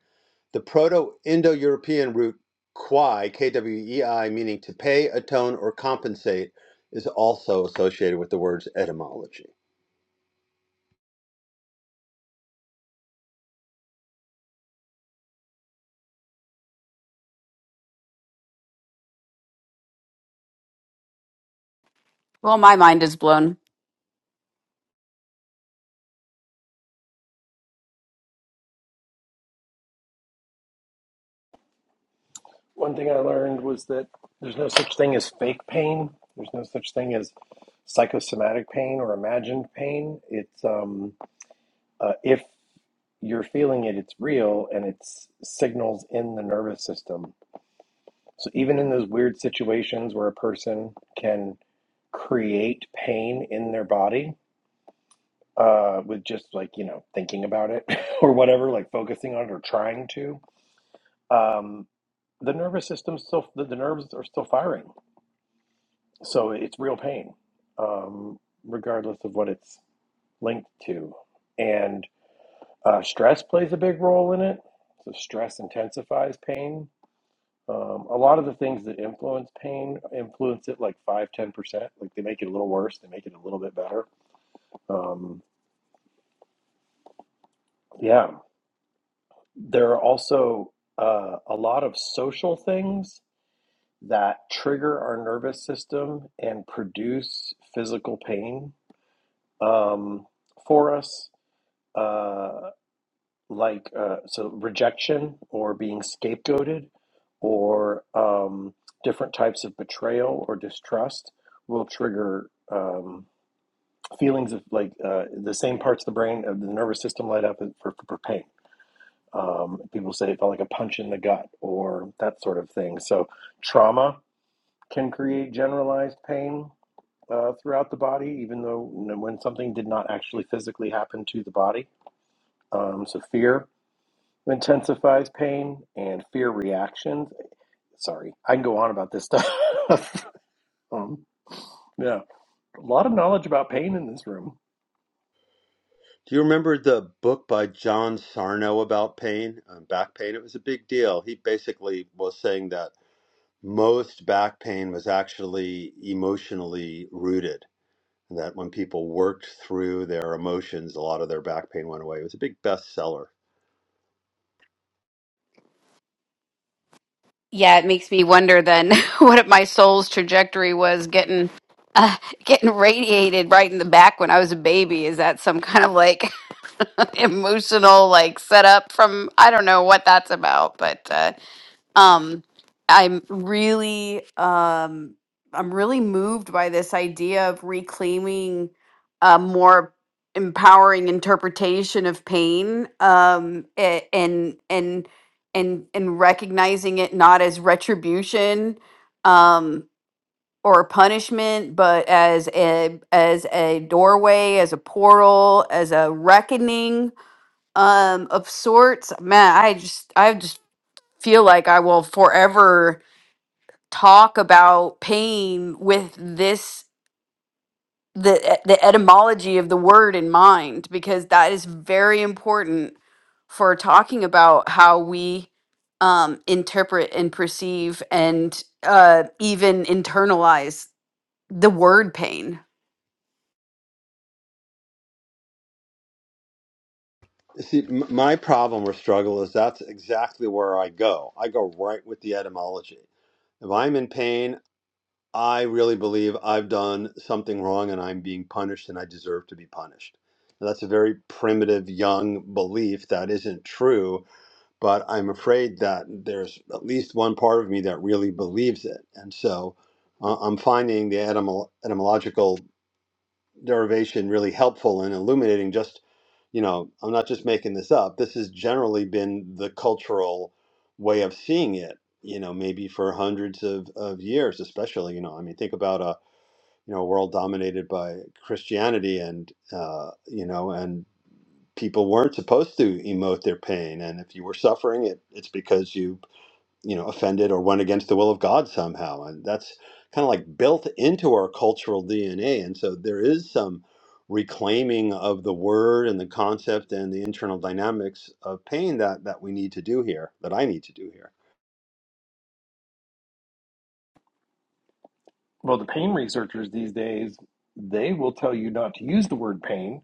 [SPEAKER 1] The Proto Indo European root kwei, K W E I, meaning to pay, atone, or compensate, is also associated with the word's etymology.
[SPEAKER 2] Well, my mind is blown.
[SPEAKER 5] One thing I learned was that there's no such thing as fake pain. There's no such thing as psychosomatic pain or imagined pain. It's um, uh, if you're feeling it, it's real and it's signals in the nervous system So even in those weird situations where a person can create pain in their body uh, with just like you know thinking about it *laughs* or whatever, like focusing on it or trying to, um, the nervous system still the, the nerves are still firing, so it's real pain, um, regardless of what it's linked to, and uh, stress plays a big role in it. So stress intensifies pain Um, a lot of the things that influence pain influence it like five ten percent Like they make it a little worse, they make it a little bit better. Um, yeah. There are also uh, a lot of social things that trigger our nervous system and produce physical pain um, for us, uh, like uh, so rejection or being scapegoated or um, different types of betrayal or distrust will trigger. Um, feelings of like uh, the same parts of the brain of the nervous system light up for, for, for pain. Um, people say it felt like a punch in the gut or that sort of thing. So trauma can create generalized pain uh, throughout the body, even though when something did not actually physically happen to the body. Um, so fear intensifies pain and fear reactions. Sorry, I can go on about this stuff. *laughs* um, yeah, a lot of knowledge about pain in this room.
[SPEAKER 1] Do you remember the book by John Sarno about pain, um, back pain? It was a big deal. He basically was saying that most back pain was actually emotionally rooted, and that when people worked through their emotions, a lot of their back pain went away. It was a big bestseller.
[SPEAKER 2] Yeah, it makes me wonder then *laughs* what my soul's trajectory was getting uh, getting radiated right in the back when I was a baby. Is that some kind of like *laughs* emotional like setup from I don't know what that's about, but uh, um, I'm really um, I'm really moved by this idea of reclaiming a more empowering interpretation of pain um, a- and and and and recognizing it not as retribution um, or punishment, but as a as a doorway, as a portal, as a reckoning um, of sorts. Man, I just I just feel like I will forever talk about pain with this the the etymology of the word in mind because that is very important for talking about how we um, interpret and perceive and uh, even internalize the word pain.
[SPEAKER 1] See, m- my problem or struggle is that's exactly where I go. I go right with the etymology. If I'm in pain, I really believe I've done something wrong and I'm being punished and I deserve to be punished. Now, that's a very primitive young belief that isn't true, but I'm afraid that there's at least one part of me that really believes it. And so uh, I'm finding the etymol- etymological derivation really helpful in illuminating just you know i'm not just making this up this has generally been the cultural way of seeing it you know maybe for hundreds of, of years especially you know i mean think about a you know world dominated by christianity and uh, you know and people weren't supposed to emote their pain and if you were suffering it it's because you you know offended or went against the will of god somehow and that's kind of like built into our cultural dna and so there is some reclaiming of the word and the concept and the internal dynamics of pain that that we need to do here that i need to do here
[SPEAKER 5] Well, the pain researchers these days, they will tell you not to use the word pain.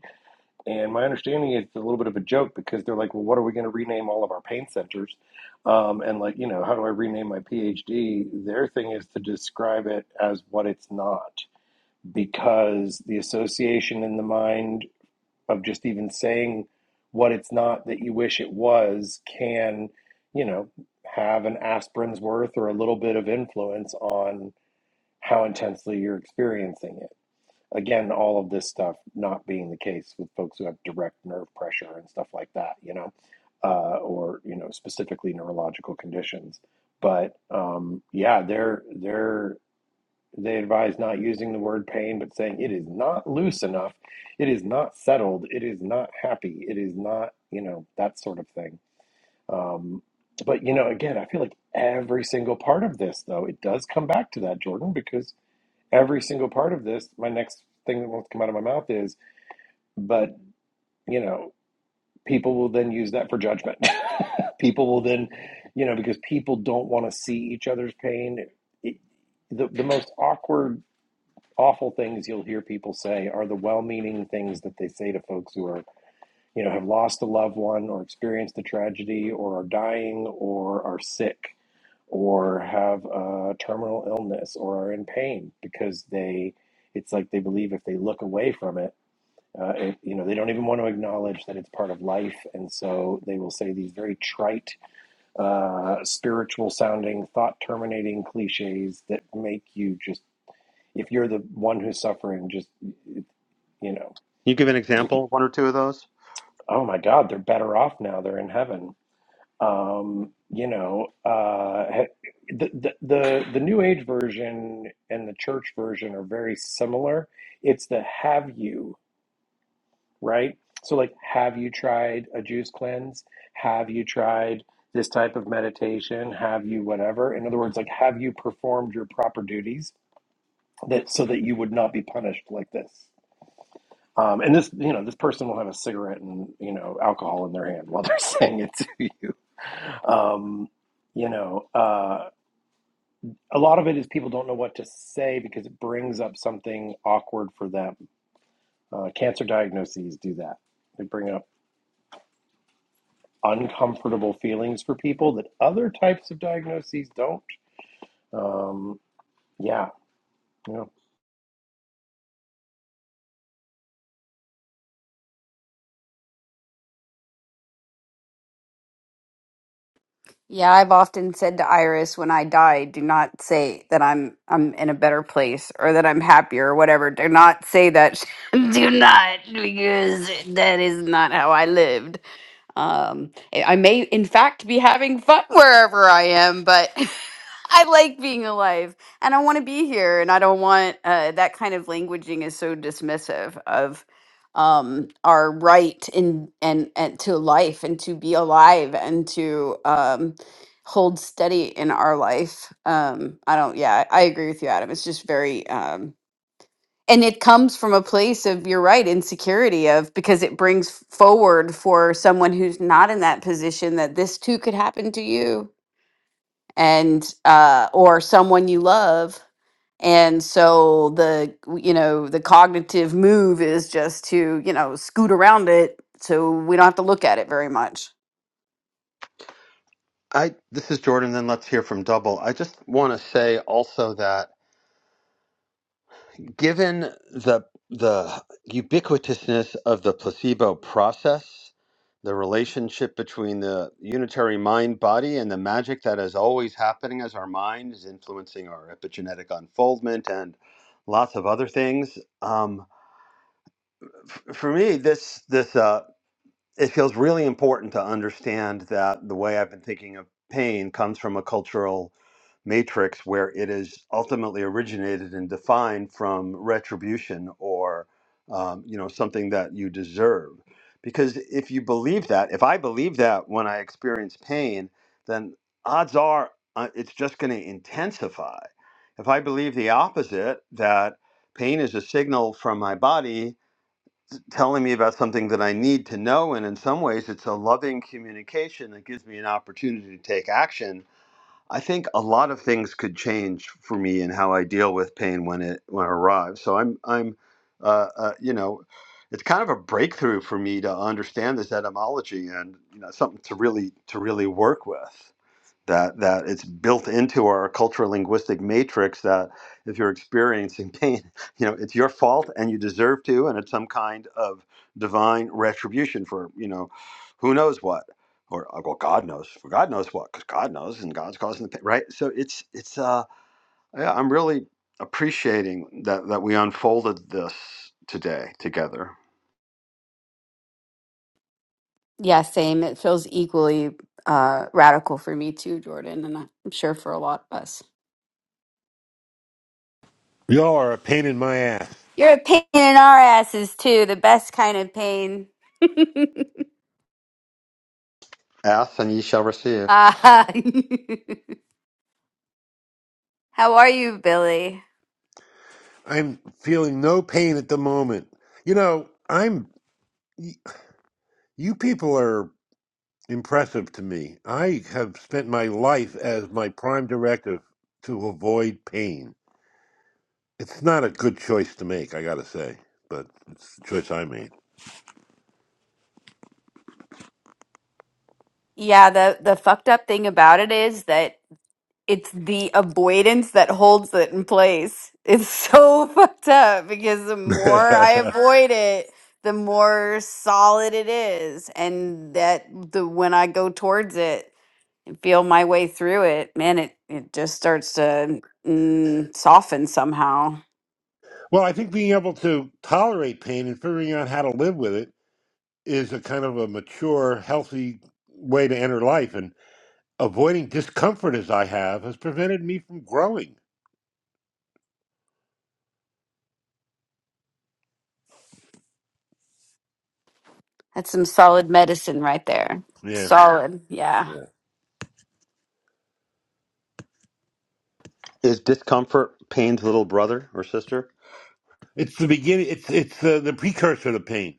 [SPEAKER 5] And my understanding is it's a little bit of a joke because they're like, well, what are we going to rename all of our pain centers? Um, and like, you know, how do I rename my PhD? Their thing is to describe it as what it's not because the association in the mind of just even saying what it's not that you wish it was can, you know, have an aspirin's worth or a little bit of influence on how intensely you're experiencing it. Again, all of this stuff not being the case with folks who have direct nerve pressure and stuff like that, you know, uh, or you know, specifically neurological conditions. But um, yeah, they're they're they advise not using the word pain, but saying it is not loose enough, it is not settled, it is not happy, it is not, you know, that sort of thing. Um, but, you know, again, I feel like every single part of this, though, it does come back to that, Jordan, because every single part of this, my next thing that wants to come out of my mouth is, but, you know, people will then use that for judgment. *laughs* people will then, you know, because people don't want to see each other's pain. It, the, the most awkward awful things you'll hear people say are the well-meaning things that they say to folks who are you know have lost a loved one or experienced a tragedy or are dying or are sick or have a terminal illness or are in pain because they it's like they believe if they look away from it, uh, it you know they don't even want to acknowledge that it's part of life and so they will say these very trite uh, spiritual sounding thought terminating cliches that make you just if you're the one who's suffering, just you know,
[SPEAKER 1] Can you give an
[SPEAKER 5] like,
[SPEAKER 1] example one or two of those
[SPEAKER 5] oh my God, they're better off now. They're in heaven. Um, you know, uh, the, the the the New Age version and the church version are very similar. It's the have you right? So like, have you tried a juice cleanse? Have you tried this type of meditation? Have you whatever? In other words, like, have you performed your proper duties that so that you would not be punished like this? Um, and this, you know, this person will have a cigarette and you know alcohol in their hand while they're *laughs* saying it to you. Um, you know, uh, a lot of it is people don't know what to say because it brings up something awkward for them. Uh, cancer diagnoses do that; they bring up uncomfortable feelings for people that other types of diagnoses don't. Um, yeah, you know,
[SPEAKER 2] Yeah, I've often said to Iris when I die, do not say that I'm I'm in a better place or that I'm happier or whatever. Do not say that. *laughs* do not because that is not how I lived. Um, I I may, in fact, be having fun wherever I am, but *laughs* I like being alive and I want to be here. And I don't want uh, that kind of languaging is so dismissive of um, our right in and and to life and to be alive and to um, hold steady in our life. Um, I don't. Yeah, I agree with you, Adam. It's just very. um, and it comes from a place of you're right insecurity of because it brings forward for someone who's not in that position that this too could happen to you and uh or someone you love and so the you know the cognitive move is just to you know scoot around it so we don't have to look at it very much
[SPEAKER 1] i this is jordan then let's hear from double i just want to say also that Given the the ubiquitousness of the placebo process, the relationship between the unitary mind body and the magic that is always happening as our mind is influencing our epigenetic unfoldment and lots of other things. Um, f- for me, this this uh, it feels really important to understand that the way I've been thinking of pain comes from a cultural matrix where it is ultimately originated and defined from retribution or um, you know something that you deserve. Because if you believe that, if I believe that when I experience pain, then odds are uh, it's just going to intensify. If I believe the opposite, that pain is a signal from my body telling me about something that I need to know. And in some ways, it's a loving communication that gives me an opportunity to take action. I think a lot of things could change for me in how I deal with pain when it when it arrives. So I'm I'm, uh, uh, you know, it's kind of a breakthrough for me to understand this etymology and you know something to really to really work with that that it's built into our cultural linguistic matrix that if you're experiencing *laughs* pain you know it's your fault and you deserve to and it's some kind of divine retribution for you know who knows what or uh, well god knows for god knows what because god knows and god's causing the pain right so it's it's uh yeah i'm really appreciating that that we unfolded this today together
[SPEAKER 2] yeah same it feels equally uh radical for me too jordan and i'm sure for a lot of us
[SPEAKER 3] Y'all are a pain in my ass.
[SPEAKER 2] You're a pain in our asses too, the best kind of pain. *laughs*
[SPEAKER 1] ask and ye shall receive
[SPEAKER 2] Ah, *laughs* how are you, Billy?
[SPEAKER 3] I'm feeling no pain at the moment. You know, I'm. y- You people are impressive to me. I have spent my life as my prime directive to avoid pain. It's not a good choice to make, I gotta say, but it's the choice I made.
[SPEAKER 2] Yeah, the the fucked up thing about it is that it's the avoidance that holds it in place. It's so *laughs* fucked up because the more I
[SPEAKER 3] *laughs*
[SPEAKER 2] avoid it, the more solid it is, and that the when I go towards it and feel my way through it, man, it it just starts to mm, soften somehow.
[SPEAKER 3] well, I think being able to tolerate pain and figuring out how to live with it is a kind of a mature, healthy way to enter life. And avoiding discomfort as I have has prevented me from growing.
[SPEAKER 2] That's some solid medicine right there.
[SPEAKER 3] Yeah.
[SPEAKER 2] Solid.
[SPEAKER 3] Yeah.
[SPEAKER 2] Yeah.
[SPEAKER 1] is discomfort pain's little brother or sister
[SPEAKER 3] It's the beginning. It's it's uh, the precursor to pain.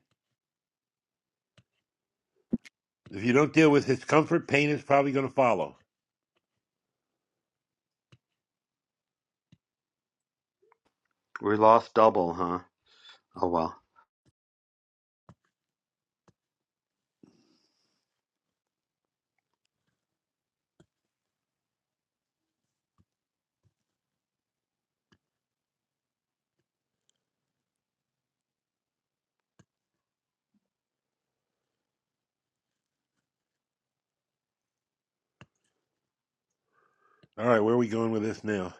[SPEAKER 3] If you don't deal with discomfort, pain is probably going to follow.
[SPEAKER 1] we lost double huh oh well
[SPEAKER 3] All right, where are we going with this now?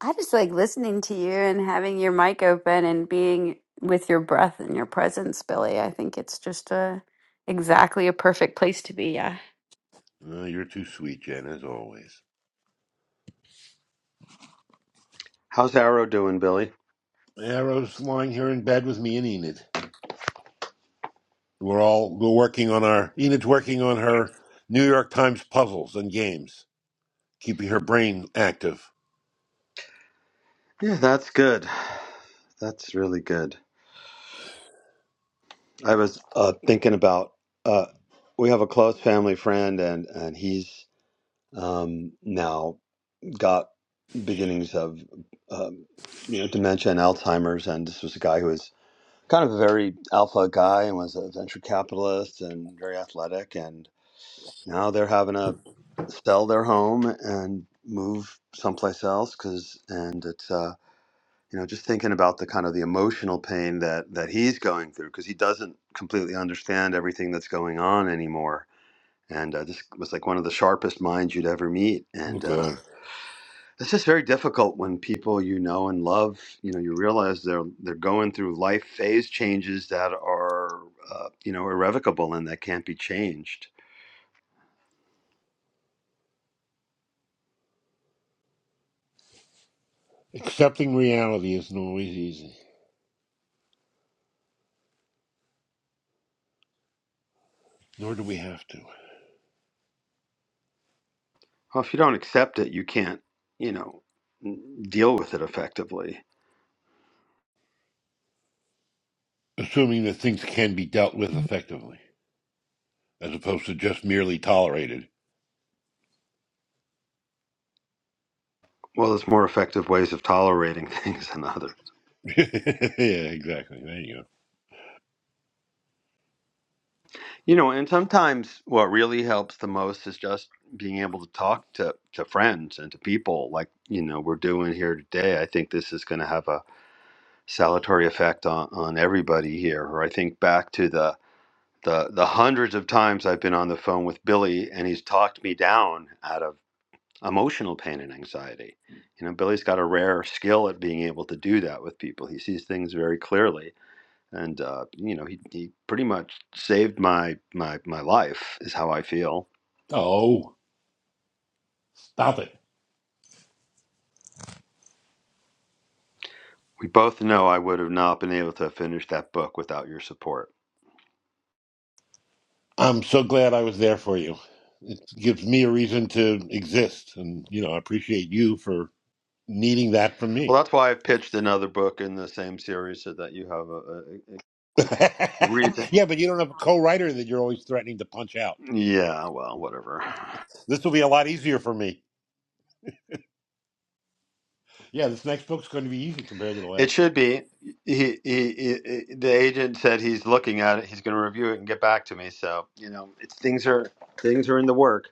[SPEAKER 2] I just like listening to you and having your mic open and being with your breath and your presence, Billy. I think it's just a exactly a perfect place to be. Yeah.
[SPEAKER 3] Oh, you're too sweet, Jen, as always.
[SPEAKER 1] How's Arrow doing, Billy?
[SPEAKER 3] Arrow's lying here in bed with me and Enid. We're all we're working on our Enid's working on her New York Times puzzles and games, keeping her brain active.
[SPEAKER 1] Yeah, that's good. That's really good. I was uh, thinking about uh, we have a close family friend, and and he's um, now got beginnings of um, you know dementia and Alzheimer's, and this was a guy who was kind of a very alpha guy and was a venture capitalist and very athletic, and now they're having to sell their home and move someplace else because and it's uh you know just thinking about the kind of the emotional pain that that he's going through because he doesn't completely understand everything that's going on anymore and uh, this was like one of the sharpest minds you'd ever meet
[SPEAKER 3] Oh
[SPEAKER 1] and uh,
[SPEAKER 3] God.
[SPEAKER 1] it's just very difficult when people you know and love you know you realize they're they're going through life phase changes that are uh, you know irrevocable and that can't be changed
[SPEAKER 3] Accepting reality is not always easy, nor do we have to.
[SPEAKER 1] well if you don't accept it you can't you know n- deal with it effectively
[SPEAKER 3] assuming that things can be dealt with effectively, as opposed to just merely tolerated.
[SPEAKER 1] well there's more effective ways of tolerating *laughs* things than others
[SPEAKER 3] *laughs* yeah, exactly. There you go.
[SPEAKER 1] You know, and sometimes what really helps the most is just being able to talk to, to friends and to people like, you know, we're doing here today. I think this is going to have a salutary effect on, on everybody here. Or I think back to the, the, the hundreds of times I've been on the phone with Billy and he's talked me down out of emotional pain and anxiety. You know, Billy's got a rare skill at being able to do that with people. He sees things very clearly and uh, you know he, he pretty much saved my my my life is how i feel
[SPEAKER 3] Oh, stop it.
[SPEAKER 1] we both know i would have not been able to finish that book without your support
[SPEAKER 3] I'm so glad I was there for you. It gives me a reason to exist. And, you know, I appreciate you for needing that from
[SPEAKER 1] well
[SPEAKER 3] me.
[SPEAKER 1] that's why i've pitched another book in the same series so that you have a, a, a
[SPEAKER 3] *laughs*
[SPEAKER 1] reason
[SPEAKER 3] yeah, but you don't have a co writer that you're always threatening to punch out.
[SPEAKER 1] yeah well whatever
[SPEAKER 3] This will be a lot easier for me. Yeah, this next book's going to be easy compared to the
[SPEAKER 1] it
[SPEAKER 3] last one.
[SPEAKER 1] should be he, he, he he- the agent said he's looking at it he's going to review it and get back to me so you know it's things are things are in the works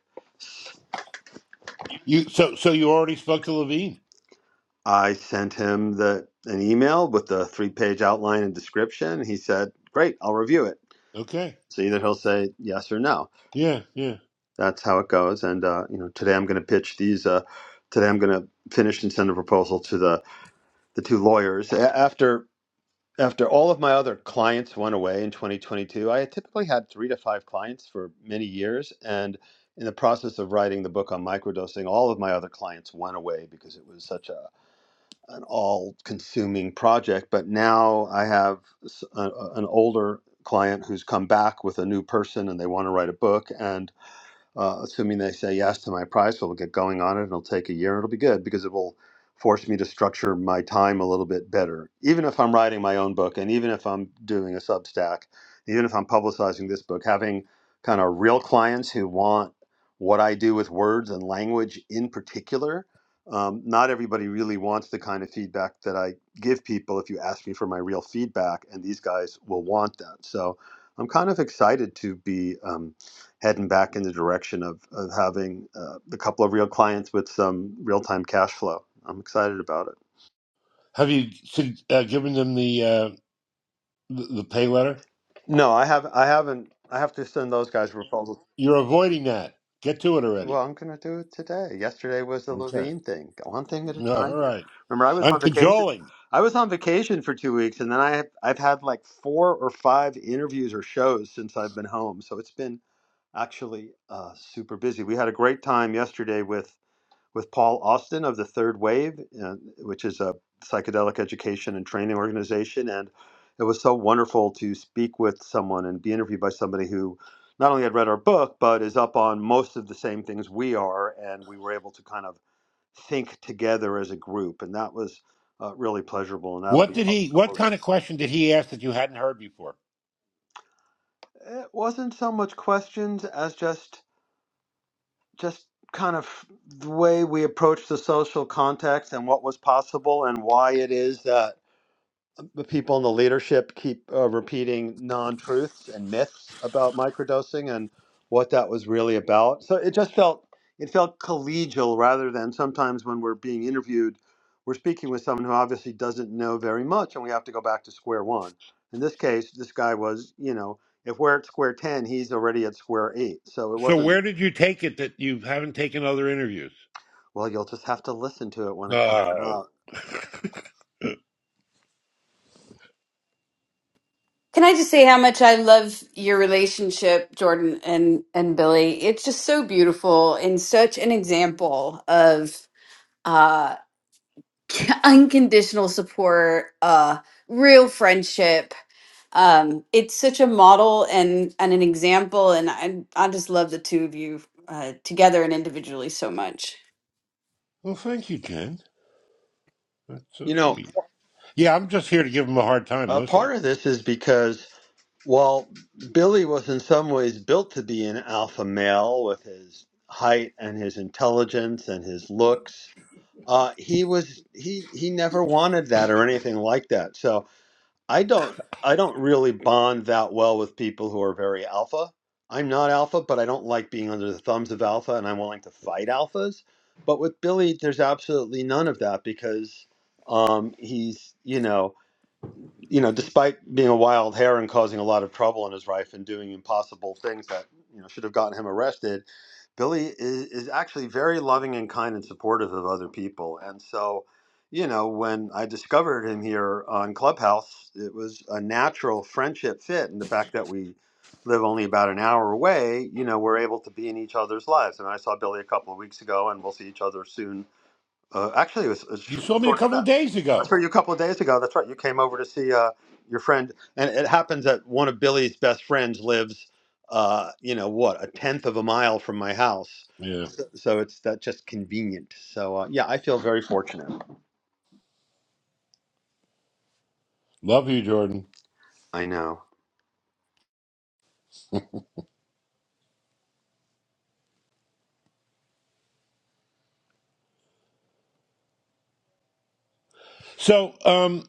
[SPEAKER 3] You so so you already spoke to Levine.
[SPEAKER 1] I sent him the an email with the three page outline and description. He said, "Great, I'll review it."
[SPEAKER 3] Okay.
[SPEAKER 1] So either he'll say yes or no.
[SPEAKER 3] Yeah, yeah.
[SPEAKER 1] That's how it goes. And uh, you know, today I'm going to pitch these. Uh, today I'm going to finish and send a proposal to the the two lawyers. A- after after all of my other clients went away in 2022, I had typically had three to five clients for many years, and in the process of writing the book on microdosing, all of my other clients went away because it was such a an all-consuming project. But now I have s- a- a- an older client who's come back with a new person, and they want to write a book, and uh, assuming they say yes to my price, we will get going on it. It'll take a year. It'll be good because it will force me to structure my time a little bit better. Even if I'm writing my own book, and even if I'm doing a Substack, even if I'm publicizing this book, having kind of real clients who want what I do with words and language in particular. Um, not everybody really wants the kind of feedback that I give people if you ask me for my real feedback, and these guys will want that. So I'm kind of excited to be. Um, heading back in the direction of, of having uh, a couple of real clients with some real time cash flow. I'm excited about it.
[SPEAKER 3] Have you uh, given them the, uh, the the pay letter?
[SPEAKER 1] No, I have I haven't. I have to send those guys proposals.
[SPEAKER 3] You're avoiding that. Get to it already.
[SPEAKER 1] Well, I'm gonna do it today. Yesterday was the
[SPEAKER 3] Okay.
[SPEAKER 1] Levine thing. One thing at a
[SPEAKER 3] No,
[SPEAKER 1] time
[SPEAKER 3] all
[SPEAKER 1] here.
[SPEAKER 3] right.
[SPEAKER 1] Remember, I was
[SPEAKER 3] I'm
[SPEAKER 1] on vacation.
[SPEAKER 3] cajoling.
[SPEAKER 1] I was on vacation for two weeks, and then I have, I've had like four or five interviews or shows since I've been home. So it's been actually uh, super busy. We had a great time yesterday with with Paul Austin of the Third Wave, uh, which is a psychedelic education and training organization. And it was so wonderful to speak with someone and be interviewed by somebody who not only had read our book, but is up on most of the same things we are. And we were able to kind of think together as a group. And that was uh, really pleasurable. And that'll
[SPEAKER 3] What
[SPEAKER 1] be
[SPEAKER 3] did
[SPEAKER 1] out
[SPEAKER 3] he?
[SPEAKER 1] in a couple
[SPEAKER 3] What
[SPEAKER 1] of
[SPEAKER 3] kind
[SPEAKER 1] weeks.
[SPEAKER 3] of question did he ask that you hadn't heard before?
[SPEAKER 1] It wasn't so much questions as just, just kind of the way we approached the social context and what was possible and why it is that the people in the leadership keep uh, repeating non-truths and myths about microdosing and what that was really about. So it just felt it felt collegial rather than sometimes when we're being interviewed, we're speaking with someone who obviously doesn't know very much, and we have to go back to square one. In this case, this guy was, you know, if we're at square ten, he's already at square eight. So it
[SPEAKER 3] So
[SPEAKER 1] wasn't. Mhm.
[SPEAKER 3] where did you take it that you haven't taken other interviews?
[SPEAKER 1] Well, you'll just have to listen to it when it comes
[SPEAKER 3] Oh.
[SPEAKER 1] out.
[SPEAKER 2] Can I just say how much I love your relationship, Jordan and and Billy? It's just so beautiful and such an example of uh *laughs* unconditional support, uh, real friendship. Um, it's such a model and and an example, and I I just love the two of you uh, together and individually so much.
[SPEAKER 3] Well, thank you, Jen. That's so
[SPEAKER 1] You know,
[SPEAKER 3] sweet. Yeah, I'm just here to give him a hard time
[SPEAKER 1] uh,
[SPEAKER 3] mostly.
[SPEAKER 1] part of this is because Well, Billy was in some ways built to be an alpha male with his height and his intelligence and his looks. Uh, he was he he never wanted that or anything like that. So I don't I don't really bond that well with people who are very alpha. I'm not alpha, but I don't like being under the thumbs of alpha, and I'm willing to fight alphas. But with Billy, there's absolutely none of that because um, he's you know you know, despite being a wild hare and causing a lot of trouble in his life and doing impossible things that you know should have gotten him arrested, Billy is, is actually very loving and kind and supportive of other people. And so, you know, when I discovered him here on Clubhouse, it was a natural friendship fit, and the fact that we live only about an hour away, you know, we're able to be in each other's lives. And I saw Billy a couple of weeks ago, and we'll see each other soon. Uh, actually, it was, a was
[SPEAKER 3] You saw me a
[SPEAKER 1] short.
[SPEAKER 3] couple of days
[SPEAKER 1] I
[SPEAKER 3] ago.
[SPEAKER 1] saw you a couple of days ago. That's right. You came over to see uh, your friend, and it happens that one of Billy's best friends lives, uh, you know, what a tenth of a mile from my house.
[SPEAKER 3] Yeah.
[SPEAKER 1] So it's that just convenient. So uh, yeah, I feel very fortunate.
[SPEAKER 3] Love you, Jordan.
[SPEAKER 1] I know.
[SPEAKER 3] So, um,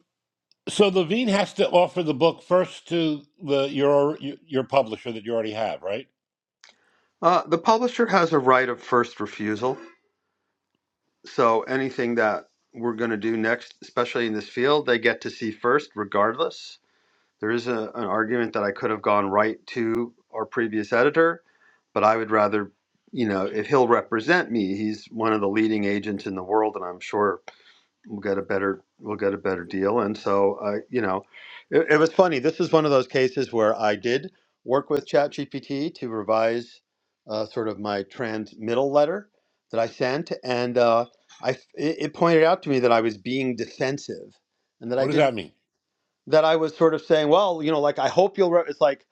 [SPEAKER 3] So Levine has to offer the book first to the your your publisher that you already have, right?
[SPEAKER 1] Uh, the publisher has a right of first refusal. So anything that we're going to do next, especially in this field, they get to see first, regardless. There is a, an argument that I could have gone right to our previous editor, but I would rather, you know, if he'll represent me, he's one of the leading agents in the world, and I'm sure we'll get a better we'll get a better deal. And so, uh, you know, it, it was funny. This is one of those cases where I did work with ChatGPT to revise uh, sort of my transmittal letter that I sent, and uh, I it, it pointed out to me that I was being defensive, and that I
[SPEAKER 3] What does
[SPEAKER 1] did
[SPEAKER 3] that mean?
[SPEAKER 1] that I was sort of saying, well, you know, like I hope you'll. Re-, it's like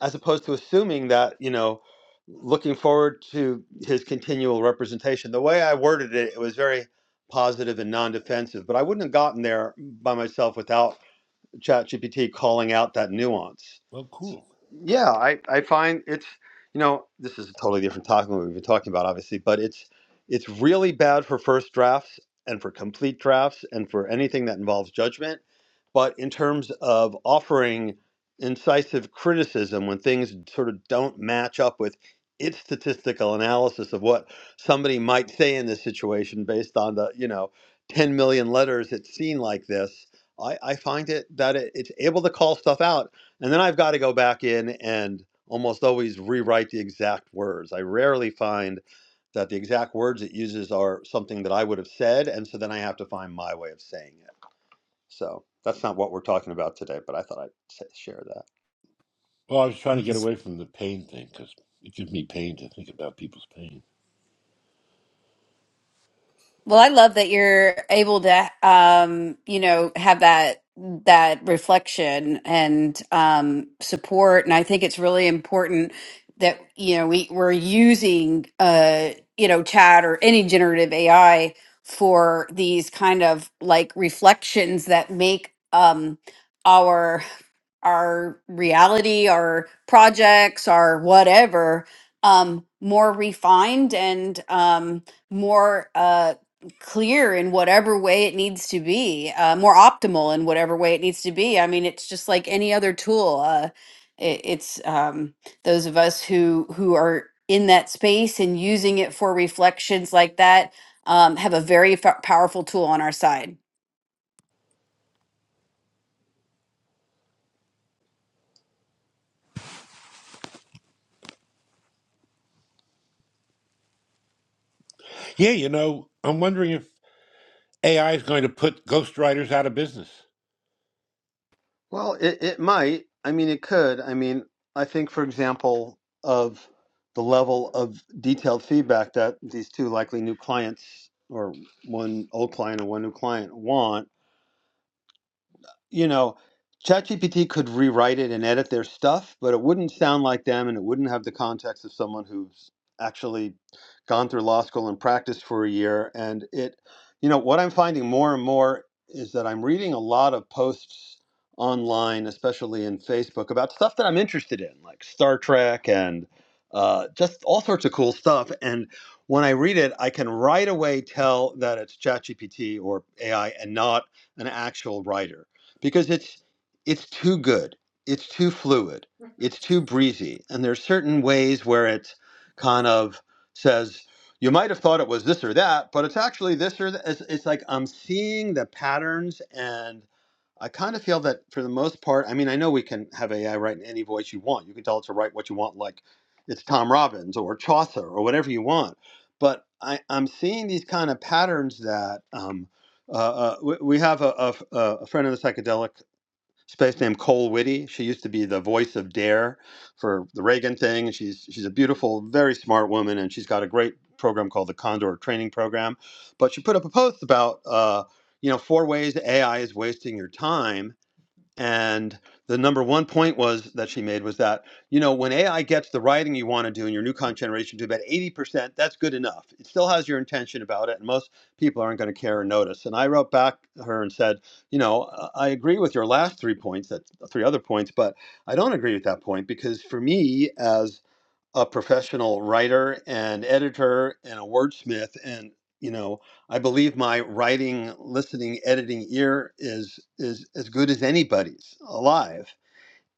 [SPEAKER 1] as opposed to assuming that you know, looking forward to his continual representation. The way I worded it, it was very positive and non-defensive, but I wouldn't have gotten there by myself without ChatGPT calling out that nuance.
[SPEAKER 3] Well,
[SPEAKER 1] S-
[SPEAKER 3] cool.
[SPEAKER 1] Yeah, I, I find it's you know this is a totally different topic than what we've been talking about, obviously, but it's it's really bad for first drafts and for complete drafts and for anything that involves judgment. But in terms of offering incisive criticism when things sort of don't match up with its statistical analysis of what somebody might say in this situation based on the you know 10 million letters it's seen like this I, I find it that it, it's able to call stuff out, and then I've got to go back in and almost always rewrite the exact words. I rarely find that the exact words it uses are something that I would have said, and so then I have to find my way of saying it. So that's not what we're talking about today, but I thought I'd sa- share that.
[SPEAKER 3] Well, I was trying to get away from the pain thing because it gives me pain to think about people's pain.
[SPEAKER 2] Well, I love that you're able to, um, you know, have that that reflection and um, support. And I think it's really important that you know we we're using, uh, you know, chat or any generative AI for these kind of like reflections that make um, our our reality, our projects, our whatever um, more refined and um, more. Uh, clear in whatever way it needs to be, uh, more optimal in whatever way it needs to be. I mean, it's just like any other tool. Uh, it, it's um, those of us who who are in that space and using it for reflections like that um, have a very fa- powerful tool on our side.
[SPEAKER 3] Yeah, you know, I'm wondering if AI is going to put ghostwriters out of business.
[SPEAKER 1] Well, it, it might. I mean, it could. I mean, I think, for example, of the level of detailed feedback that these two likely new clients or one old client and one new client want you know, ChatGPT could rewrite it and edit their stuff, but it wouldn't sound like them and it wouldn't have the context of someone who's actually gone through law school and practiced for a year. And it, you know, what I'm finding more and more is that I'm reading a lot of posts online, especially in Facebook, about stuff that I'm interested in, like Star Trek and uh, just all sorts of cool stuff. And when I read it, I can right away tell that it's ChatGPT or AI and not an actual writer because it's it's too good it's too fluid it's too breezy and there's certain ways where it kind of says you might have thought it was this or that but it's actually this or that it's, it's like i'm seeing the patterns and i kind of feel that for the most part i mean i know we can have ai write in any voice you want you can tell it to write what you want like it's tom robbins or chaucer or whatever you want but I, i'm seeing these kind of patterns that um, uh, uh, we, we have a a, a friend in the psychedelic space named Cole Whitty. She used to be the voice of Dare for the Reagan thing. She's she's a beautiful, very smart woman, and she's got a great program called the Condor Training Program. But she put up a post about uh, you know four ways AI is wasting your time and the number one point was that she made was that, you know, when AI gets the writing you want to do in your new content generation to about 80%, that's good enough. It still has your intention about it, and most people aren't going to care or notice. And I wrote back to her and said, you know, I I agree with your last three points, that three other points, but I don't agree with that point because for me, as a professional writer and editor and a wordsmith and you know i believe my writing listening editing ear is is as good as anybody's alive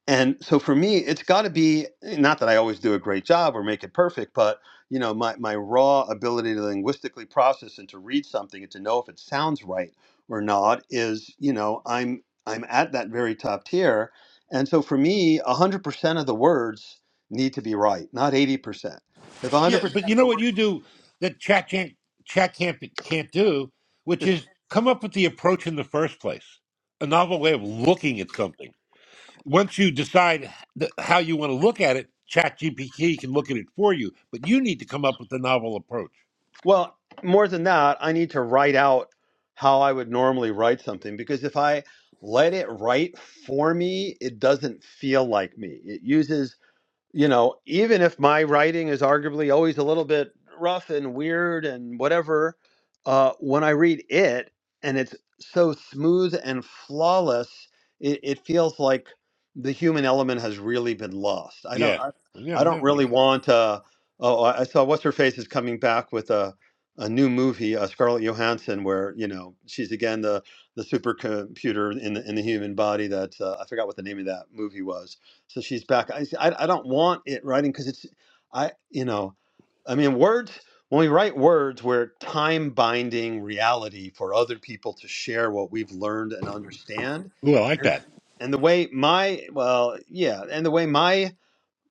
[SPEAKER 1] and so for me it's got to be eh, not that i always do a great job or make it perfect but you know my, my raw ability to linguistically process and to read something and to know if it sounds right or not is you know i'm i'm at that very top tier and so for me 100% of the words need to be right not 80% if 100%
[SPEAKER 3] Yeah,
[SPEAKER 1] of
[SPEAKER 3] but you know
[SPEAKER 1] the
[SPEAKER 3] what
[SPEAKER 1] words
[SPEAKER 3] you do that chat can't chat can't can't do, which
[SPEAKER 1] is
[SPEAKER 3] is come up with the approach in the first place, a novel way of looking at something. once you decide th- how you want to look at it, ChatGPT can look at it for you, but you need to come up with a novel approach.
[SPEAKER 1] Well, more than that, I need to write out how I would normally write something because if I let it write for me, it doesn't feel like me. It uses you know, even if my writing is arguably always a little bit rough and weird and whatever, uh, when I read it and it's so smooth and flawless, it, it feels like the human element has really been lost. I don't,
[SPEAKER 3] Yeah.
[SPEAKER 1] I,
[SPEAKER 3] Well, yeah,
[SPEAKER 1] I don't
[SPEAKER 3] no, I
[SPEAKER 1] really
[SPEAKER 3] get
[SPEAKER 1] want. Uh, oh, I I saw what's her face is coming back with a a new movie, uh, Scarlett Johansson, where you know she's again the the supercomputer in the in the human body. That uh, I forgot what the name of that movie was so she's back. I I, I don't want it writing because it's I you know I mean words when we write words we're time binding reality for other people to share what we've learned and understand
[SPEAKER 3] it. Ooh, I like
[SPEAKER 1] and
[SPEAKER 3] that.
[SPEAKER 1] and the way my well yeah and the way my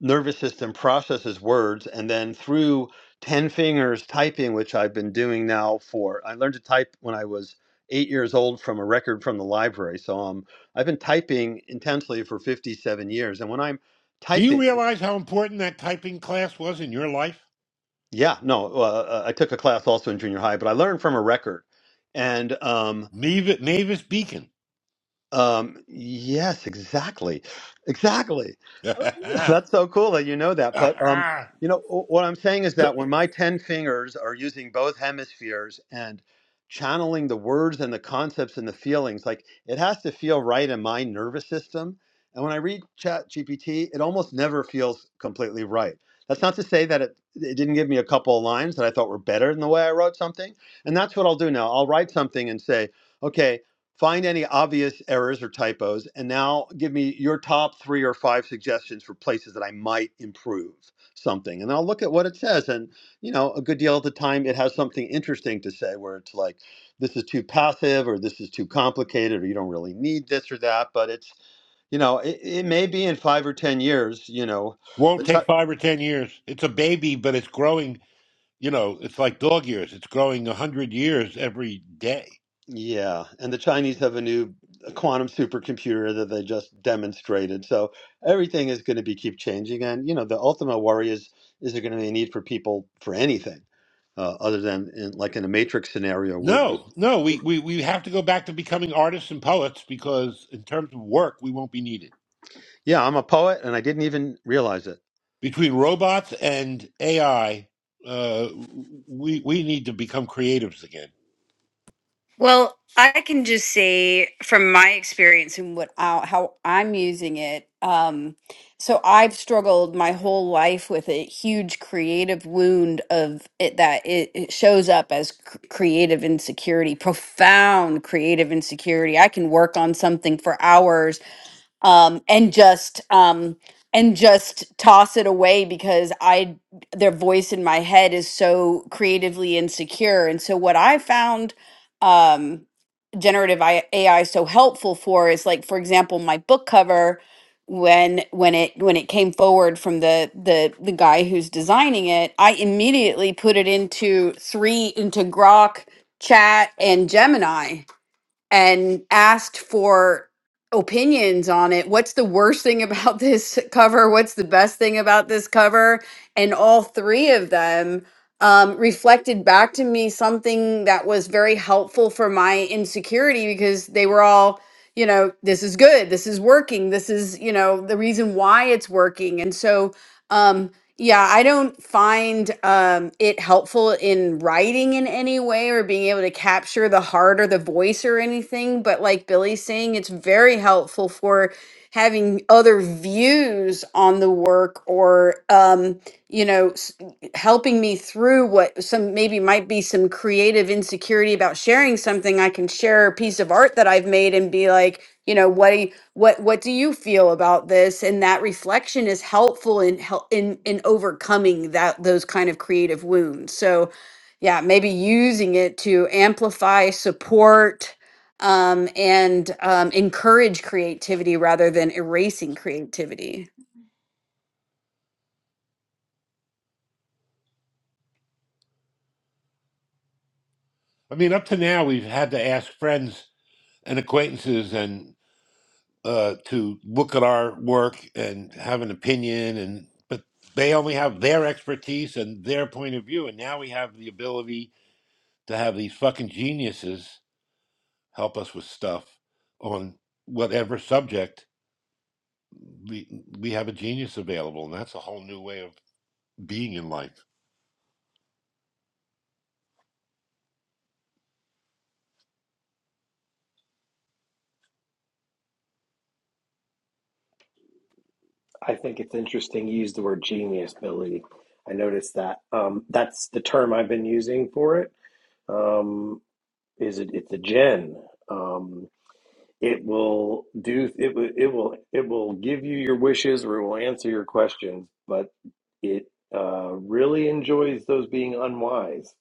[SPEAKER 1] nervous system processes words and then through 10 fingers typing which i've been doing now for i learned to type when i was eight years old from a record from the library so um, i've been typing intensely for 57 years and when i'm
[SPEAKER 3] Do you
[SPEAKER 1] typing
[SPEAKER 3] realize how important that typing class was in your life?
[SPEAKER 1] yeah no uh, uh, i took a class also in junior high but i learned from a record and um,
[SPEAKER 3] Mavis, Mavis Beacon.
[SPEAKER 1] Um, yes, exactly. Exactly. *laughs* That's so cool that you know that. But um, you know wh- what I'm saying is that when my ten fingers are using both hemispheres and channeling the words and the concepts and the feelings, like it has to feel right in my nervous system. And when I read Chat GPT, it almost never feels completely right. That's not to say that it, it didn't give me a couple of lines that I thought were better than the way I wrote something. And that's what I'll do now. I'll write something and say, okay, Find any obvious errors or typos, and now give me your top three or five suggestions for places that I might improve something. And I'll look at what it says. And, you know, a good deal of the time it has something interesting to say where it's like, this is too passive, or this is too complicated, or you don't really need this or that. But it's, you know, it, it may be in five or 10 years, you know,
[SPEAKER 3] *laughs*
[SPEAKER 1] the,
[SPEAKER 3] Won't
[SPEAKER 1] t-
[SPEAKER 3] take five or ten years. It's a baby, but it's growing. You know, it's like dog years. It's growing a hundred years every day.
[SPEAKER 1] Yeah, and the Chinese have a new quantum supercomputer that they just demonstrated. So everything is going to be keep changing, and you know the ultimate worry is is there going to be a need for people for anything uh, other than in, like in a matrix scenario where we-
[SPEAKER 3] No, no, we, we we have to go back to becoming artists and poets because in terms of work, we won't be needed.
[SPEAKER 1] yeah, I'm a poet and I didn't even realize it.
[SPEAKER 3] between robots and AI, uh, we we need to become creatives again.
[SPEAKER 2] Well, I can just say from my experience and what I, how I'm using it. Um, so I've struggled my whole life with a huge creative wound of it that it, it shows up as c- creative insecurity, profound creative insecurity. I can work on something for hours um, and just um, and just toss it away because I their voice in my head is so creatively insecure. And so what I found um, generative I- AI so helpful for is like for example my book cover when when it when it came forward from the the the guy who's designing it I immediately put it into three into Grok chat and Gemini and asked for opinions on it. What's the worst thing about *laughs* this cover? What's the best thing about this cover? And all three of them um, reflected back to me something that was very helpful for my insecurity because they were all, you know, this is good, this is working, this is, you know, the reason why it's working. And so, um, yeah, I don't find um, it helpful in writing in any way or being able to capture the heart or the voice or anything. But like Billy's saying, it's very helpful for having other views on the work or, um, you know, s- helping me through what some maybe might be some creative insecurity about sharing something. I can share a piece of art that I've made and be like, you know what do you, what what do you feel about this and that reflection is helpful in help in in overcoming that those kind of creative wounds so yeah maybe using it to amplify support um, and um, encourage creativity rather than erasing creativity
[SPEAKER 3] I mean, up to now we've had to ask friends and acquaintances and uh, to look at our work and have an opinion, and but they only have their expertise and their point of view, and now we have the ability to have these fucking geniuses help us with stuff on whatever subject we we have a genius available, and that's a whole new way of being in life.
[SPEAKER 5] I think it's interesting you use the word genius, Billy. I noticed that. Um, that's the term I've been using for it. Um, is it it's a gen um it will do it will it will it will give you your wishes or it will answer your questions but it uh really enjoys those being unwise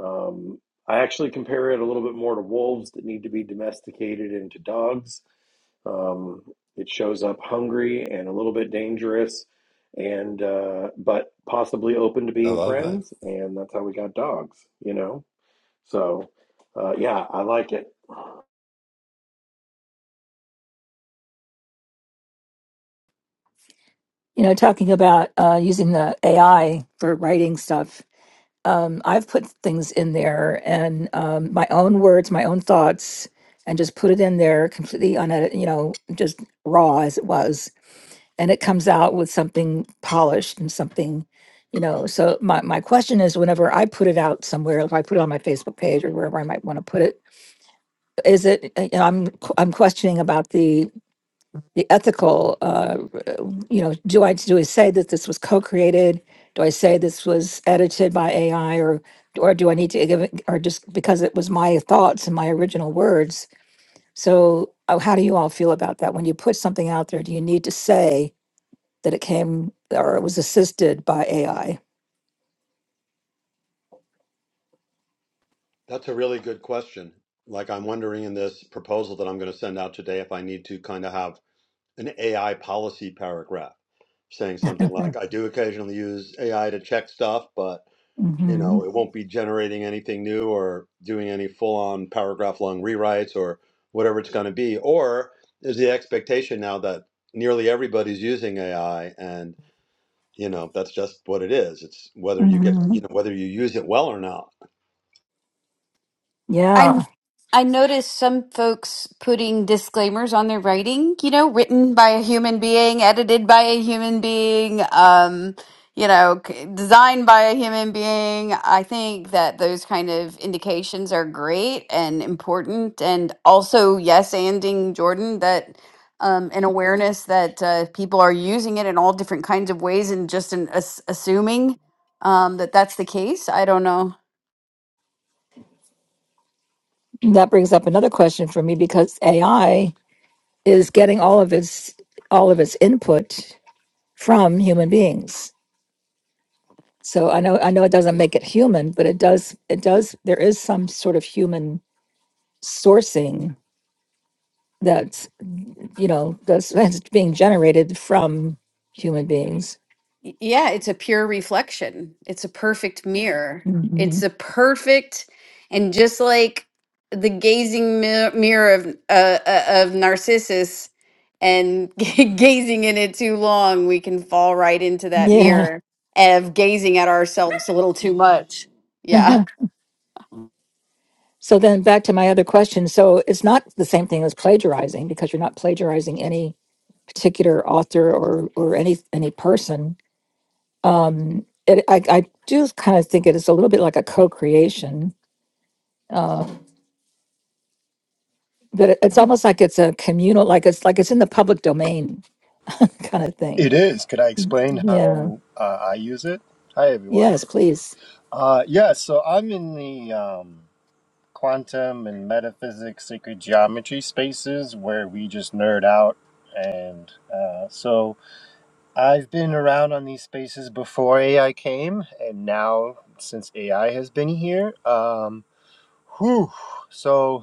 [SPEAKER 5] um i actually compare it a little bit more to wolves that need to be domesticated into dogs um, it shows up hungry and a little bit dangerous, and uh, but possibly open to
[SPEAKER 3] I
[SPEAKER 5] being
[SPEAKER 3] love that.
[SPEAKER 5] friends, and that's how we got dogs. You know, so, uh, yeah, I like it.
[SPEAKER 6] you know talking about uh, using the ai for writing stuff um, I've put things in there and um, my own words, my own thoughts, and just put it in there completely unedited, you know, just raw as it was. And it comes out with something polished and something, you know. So my, my question is whenever I put it out somewhere, if I put it on my Facebook page or wherever I might want to put it, is it, uh, you know, I'm, q- I'm questioning about the the ethical, uh, you know, do I do I say that this was co-created? Do I say this was edited by AI, or or do I need to give it, or just because it was my thoughts and my original words? So, uh, how do you all feel about that? When you put something out there, do you need to say that it came or it was assisted by AI?
[SPEAKER 1] That's a really good question. Like I'm wondering in this proposal that I'm going to send out today if I need to kind of have an AI policy paragraph saying something
[SPEAKER 6] *laughs*
[SPEAKER 1] like I do occasionally use AI to check stuff, but you
[SPEAKER 6] hmm
[SPEAKER 1] know, it won't be generating anything new or doing any full on paragraph long rewrites or whatever it's going to be. Or is the expectation now that nearly everybody's using AI and, you know, that's just what it is. It's whether you get,
[SPEAKER 6] hmm
[SPEAKER 1] you know, whether you use it well or not.
[SPEAKER 2] I
[SPEAKER 6] Yeah,
[SPEAKER 2] I noticed some folks putting disclaimers on their writing, you know, written by a human being, edited by a human being, um, you know, c- designed by a human being. I think that those kind of indications are great and important, and also yes, anding Jordan that. Um, an awareness that uh, people are using it in all different kinds of ways and just an, as- assuming um, that that's the case. I don't know.
[SPEAKER 6] that brings up another question for me because AI is getting all of its all of its input from human beings. So I know I know it doesn't make it human, but it does it does there is some sort of human sourcing that's you know that's, *laughs* that's being generated from human beings.
[SPEAKER 2] Y- Yeah, it's a pure reflection. It's a perfect mirror. It's
[SPEAKER 6] Mhm.
[SPEAKER 2] a perfect, and just like the gazing mi- mirror of uh, uh, of Narcissus, and *laughs* gazing in it too long, we can fall right into that
[SPEAKER 6] Yeah.
[SPEAKER 2] mirror of gazing at ourselves a little too much. Yeah.
[SPEAKER 6] Uh-huh. So then back to my other question. So it's not the same thing as plagiarizing because you're not plagiarizing any particular author or or any any person. Um, it, I, I do kind of think it is a little bit like a co-creation uh, But it- it's almost like it's a communal, like it's like it's in the public domain *laughs* kind of thing.
[SPEAKER 7] It is. Could I explain
[SPEAKER 6] Yeah.
[SPEAKER 7] how uh, I use it? Hi, everyone.
[SPEAKER 6] Yes, please.
[SPEAKER 7] Uh, yeah, so I'm in the um, quantum and metaphysics, sacred geometry spaces where we just nerd out. And uh, so I've been around on these spaces before AI came, and now since AI has been here. Um, whew, so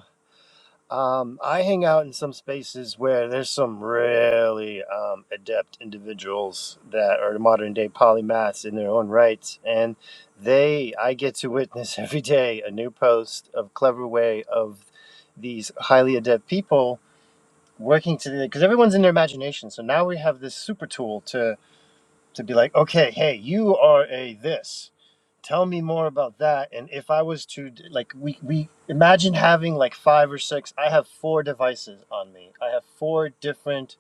[SPEAKER 7] um, I hang out in some spaces where there's some really um, adept individuals that are modern day polymaths in their own rights, and they I get to witness *laughs* every day a new post of clever way of these highly adept people working together because everyone's in their imagination. So now we have this super tool to to be like, okay, hey, you are a this. Tell me more about that. And if I was to like, we we imagine having like five or six. I have four devices on me. I have four different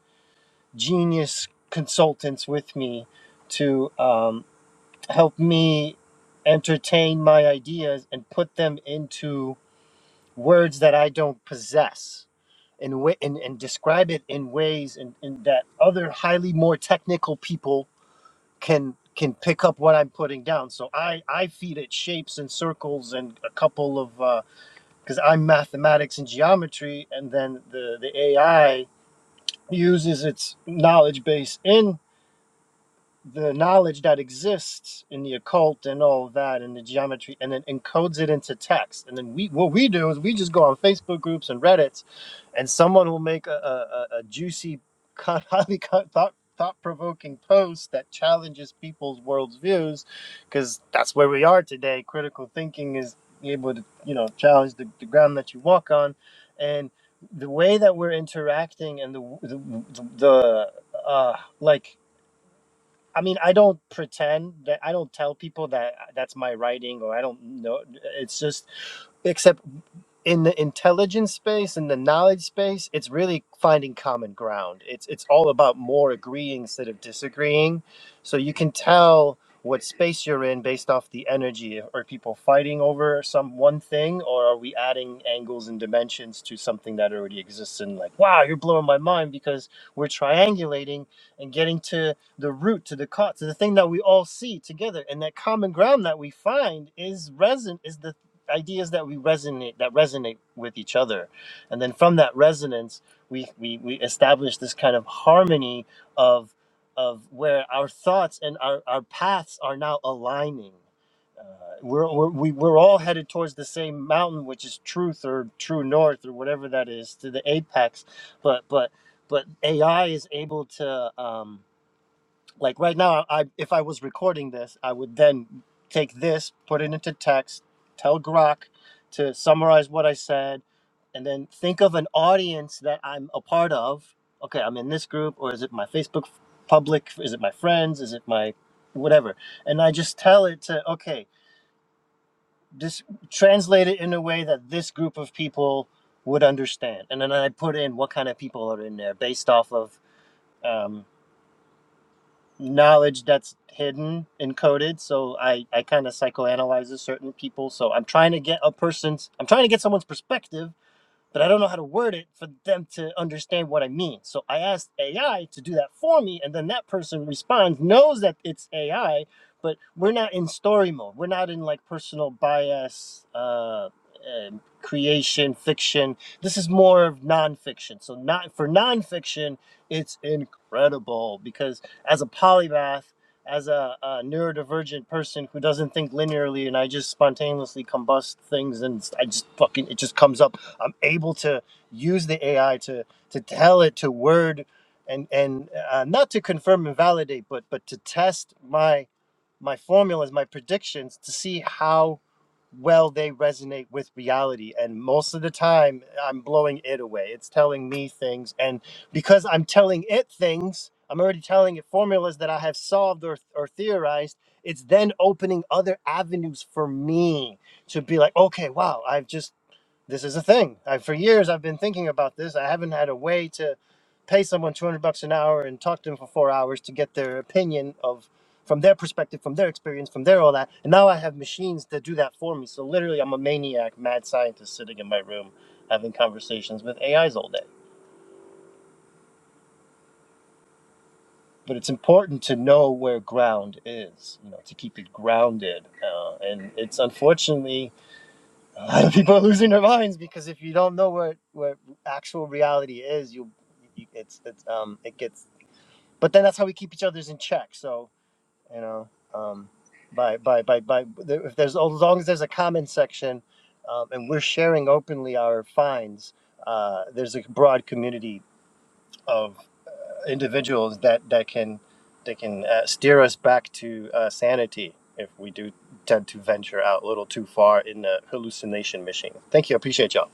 [SPEAKER 7] genius consultants with me to um, help me entertain my ideas and put them into words that I don't possess. And, wa- and, and describe it in ways in, in that other highly more technical people can can pick up what I'm putting down. So I I feed it shapes and circles and a couple of because I'm mathematics and geometry, and then the the AI uses its knowledge base in the knowledge that exists in the occult and all of that and the geometry and then encodes it into text and then we what we do is we just go on facebook groups and reddits and someone will make a, a, a juicy *laughs* con- highly con- thought thought-provoking post that challenges people's world's views because that's where we are today critical thinking is able to you know challenge the, the ground that you walk on and the way that we're interacting and the the, the, the uh, like I mean, I don't pretend that I don't tell people that that's my writing or I don't know. It's just except in the intelligence space in the knowledge space it's really finding common ground it's it's all about more agreeing instead of disagreeing so you can tell what space you're in based off the energy are people fighting over some one thing or are we adding angles and dimensions to something that already exists and like wow you're blowing my mind because we're triangulating and getting to the root to the cause to the thing that we all see together and that common ground that we find is resin is the ideas that we resonate that resonate with each other and then from that resonance we we, we establish this kind of harmony of of where our thoughts and our, our paths are now aligning uh, we're, we're, we, we're all headed towards the same mountain which is truth or true north or whatever that is to the apex but but but ai is able to um, like right now i if i was recording this i would then take this put it into text tell grok to summarize what i said and then think of an audience that i'm a part of okay i'm in this group or is it my facebook public is it my friends is it my whatever and i just tell it to okay just translate it in a way that this group of people would understand and then i put in what kind of people are in there based off of um, knowledge that's hidden encoded so i i kind of psychoanalyze certain people so i'm trying to get a person's i'm trying to get someone's perspective but I don't know how to word it for them to understand what I mean. So I asked AI to do that for me, and then that person responds, knows that it's AI, but we're not in story mode. We're not in like personal bias, uh, um creation, fiction. This is more of nonfiction. So not for nonfiction, it's incredible because as a polymath. As a, a neurodivergent person who doesn't think linearly, and I just spontaneously combust things, and I just fucking it just comes up I'm able to use the AI to to tell it to word and and uh, not to confirm and validate, but but to test my my formulas, my predictions to see how well they resonate with reality. And most of the time, I'm blowing it away. It's telling me things, and because I'm telling it things, I'm already telling it formulas that I have solved or or theorized. It's then opening other avenues for me to be like, okay, wow, I've just this is a thing. I, for years, I've been thinking about this. I haven't had a way to pay someone 200 bucks an hour and talk to them for four hours to get their opinion of, from their perspective, from their experience, from their all that. And now I have machines that do that for me. So literally, I'm a maniac, mad scientist sitting in my room having conversations with AIs all day. But it's important to know where ground is, you know, to keep it grounded. Uh, and it's unfortunately A lot of people are losing their minds because if you don't know what what actual reality is, you, you it's it's um it gets. But then that's how we keep each other's in check. So you know, um, by by by by if there's as long as there's a comment section, um, and we're sharing openly our finds, uh, there's a broad community of individuals that that can that can uh, steer us back to uh, sanity if we do tend to venture out a little too far in the hallucination machine. Thank you, I appreciate y'all.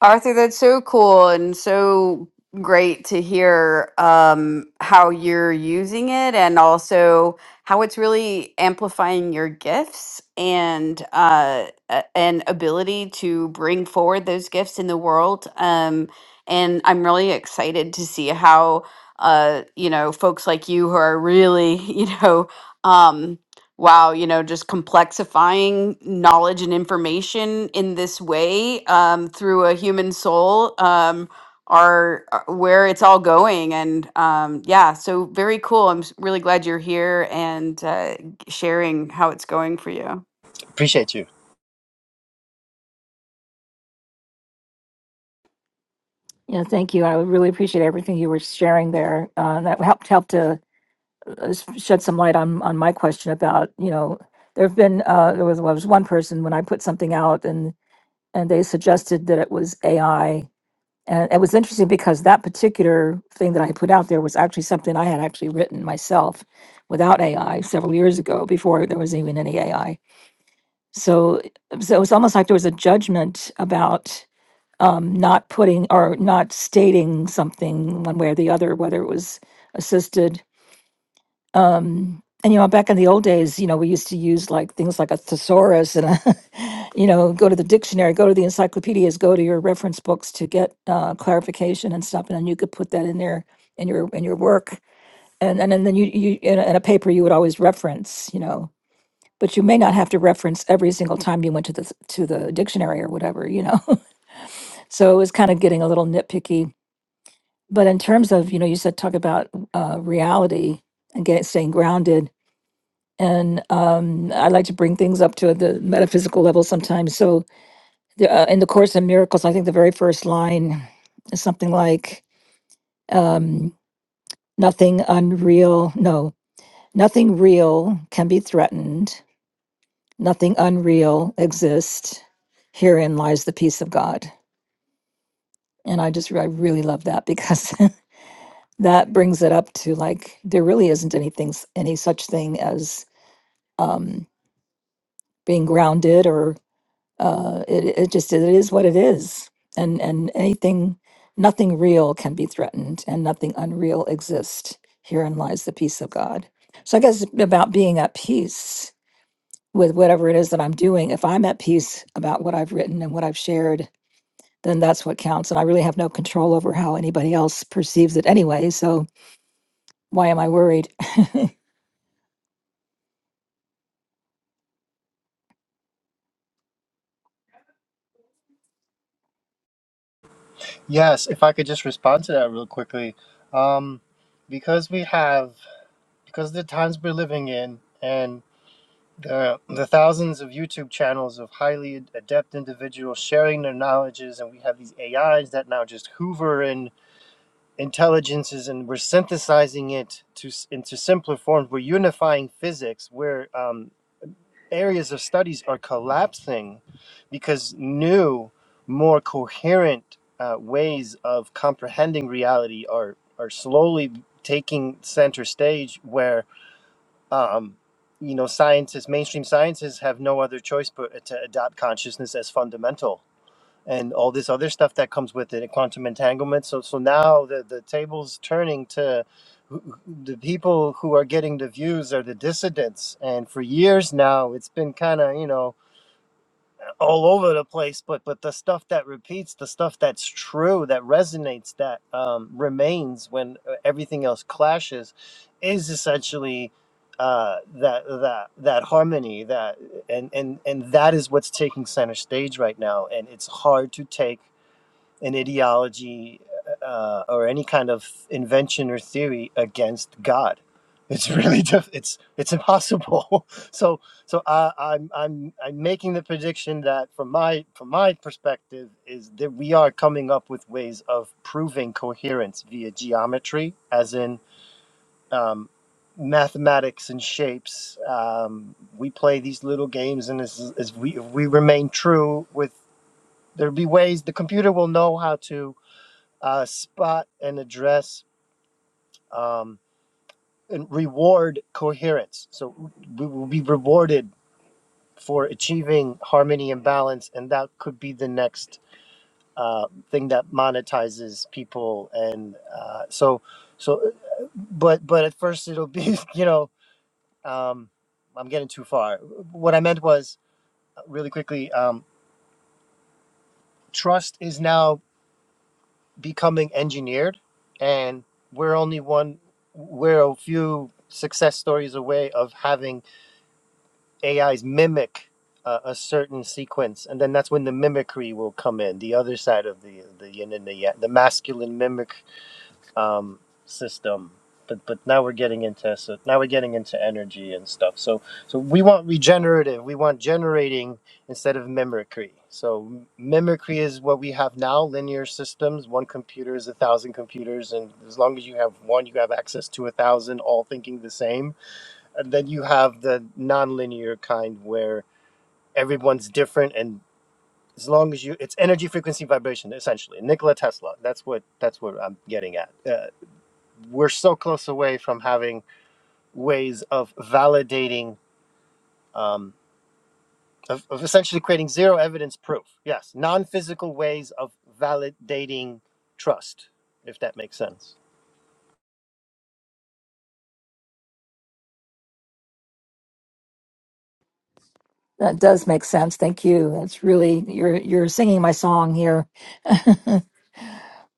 [SPEAKER 2] Arthur, that's so cool and so great to hear um, how you're using it and also how it's really amplifying your gifts and uh, a- and ability to bring forward those gifts in the world. Um, and I'm really excited to see how uh, you know folks like you who are really *laughs* you know. Um, wow, you know, just complexifying knowledge and information in this way um, through a human soul um, are, are where it's all going. And um, yeah, so very cool. I'm s- really glad you're here and uh, sharing how it's going for you.
[SPEAKER 7] Appreciate you.
[SPEAKER 6] Yeah, thank you. I really appreciate everything you were sharing there. Uh, that helped help to uh, s- shed some light on on my question about you know there have been uh, there was well, there was one person when I put something out and and they suggested that it was AI and it was interesting because that particular thing that I put out there was actually something I had actually written myself without AI several years ago before there was even any AI So, so it was almost like there was a judgment about um, not putting or not stating something one way or the other, whether it was assisted. Um, and you know, back in the old days, you know, we used to use like things like a thesaurus and a, *laughs* you know, go to the dictionary, go to the encyclopedias, go to your reference books to get uh, clarification and stuff, and then you could put that in there in your in your work, and and, and then you you in a, in a paper you would always reference, you know but you may not have to reference every single time you went to the to the dictionary or whatever you know *laughs* so it was kind of getting a little nitpicky but in terms of you know you said talk about uh, reality and getting staying grounded and um, i like to bring things up to the metaphysical level sometimes so the, uh, in the course in miracles i think the very first line is something like um, nothing unreal no nothing real can be threatened nothing unreal exists. Herein lies the peace of God. And I just, I really love that because *laughs* that brings it up to like, there really isn't anything, any such thing as um, being grounded or uh, it, it just, it is what it is. And, and anything, nothing real can be threatened and nothing unreal exists. Herein lies the peace of God. So I guess it's about being at peace with whatever it is that I'm doing. If I'm at peace about what I've written and what I've shared then that's what counts. And I really have no control over how anybody else perceives it anyway. So why am I worried? *laughs*
[SPEAKER 7] Yes, if I could just respond to that real quickly. Um, because we have, because of the times we're living in and the, the thousands of YouTube channels of highly adept individuals sharing their knowledges, and we have these AIs that now just hoover in intelligences and we're synthesizing it to s- into simpler forms. We're unifying physics. We're um, areas of studies are collapsing because new, more coherent uh, ways of comprehending reality are are slowly taking center stage. Where um, you know scientists, mainstream scientists, have no other choice but to adopt consciousness as fundamental and all this other stuff that comes with it, quantum entanglement. So so now the the table's turning to who- the people who are getting the views are the dissidents and for years now it's been kind of you know all over the place but but the stuff that repeats the stuff that's true that resonates that um, remains when uh, everything else clashes is essentially uh, that that that harmony that and and and that is what's taking center stage right now and it's hard to take an ideology uh, or any kind of invention or theory against God. It's *laughs* really diff- it's it's impossible. *laughs* so so I, I'm I'm I'm making the prediction that from my from my perspective is that we are coming up with ways of proving coherence via geometry, as in um, mathematics and shapes. Um, we play these little games, and as, as we if we remain true with there'll be ways the computer will know how to uh, spot and address um, and reward coherence. So we will be rewarded for achieving harmony and balance, and that could be the next uh, thing that monetizes people. And uh, so, so, but but at first it'll be *laughs* you know um, I'm getting too far. What I meant was uh, really quickly. Um, trust is now becoming engineered and we're only one we're a few success stories away of having ais mimic uh, a certain sequence and then that's when the mimicry will come in the other side of the the yin and the yang the masculine mimic um, system. But but now we're getting into so now we're getting into energy and stuff. So so we want regenerative. We want generating instead of mimicry. So m- mimicry is what we have now. Linear systems. One computer is a thousand computers, and as long as you have one, you have access to a thousand, all thinking the same. And then you have the nonlinear kind where everyone's different and. As long as you, it's energy, frequency, vibration, essentially. Nikola Tesla. That's what. That's what I'm getting at. Uh, we're so close away from having ways of validating, um, of, of essentially creating zero evidence proof. Yes, non physical ways of validating trust, if that makes sense.
[SPEAKER 6] That does make sense. Thank you. That's really you're you're singing my song here.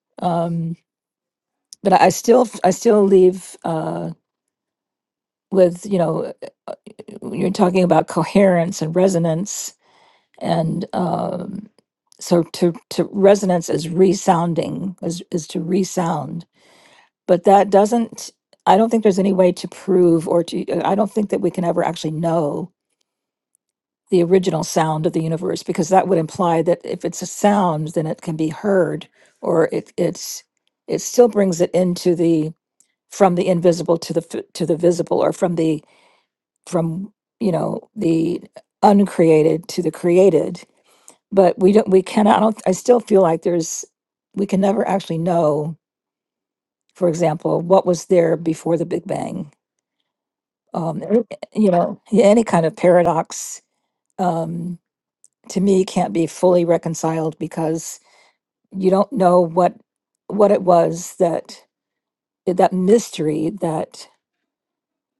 [SPEAKER 6] *laughs* um, but I still I still leave uh, with you know you're talking about coherence and resonance and um, so to to resonance is resounding is is to resound but that doesn't i don't think there's any way to prove or to uh, i don't think that we can ever actually know the original sound of the universe because that would imply that if it's a sound then it can be heard or it it's it still brings it into the from the invisible to the f- to the visible or from the from you know the uncreated to the created but we don't we cannot i don't i still feel like there's we can never actually know for example what was there before the big bang um, any- you know, yeah, any kind of paradox um, to me can't be fully reconciled because you don't know what what it was that that mystery that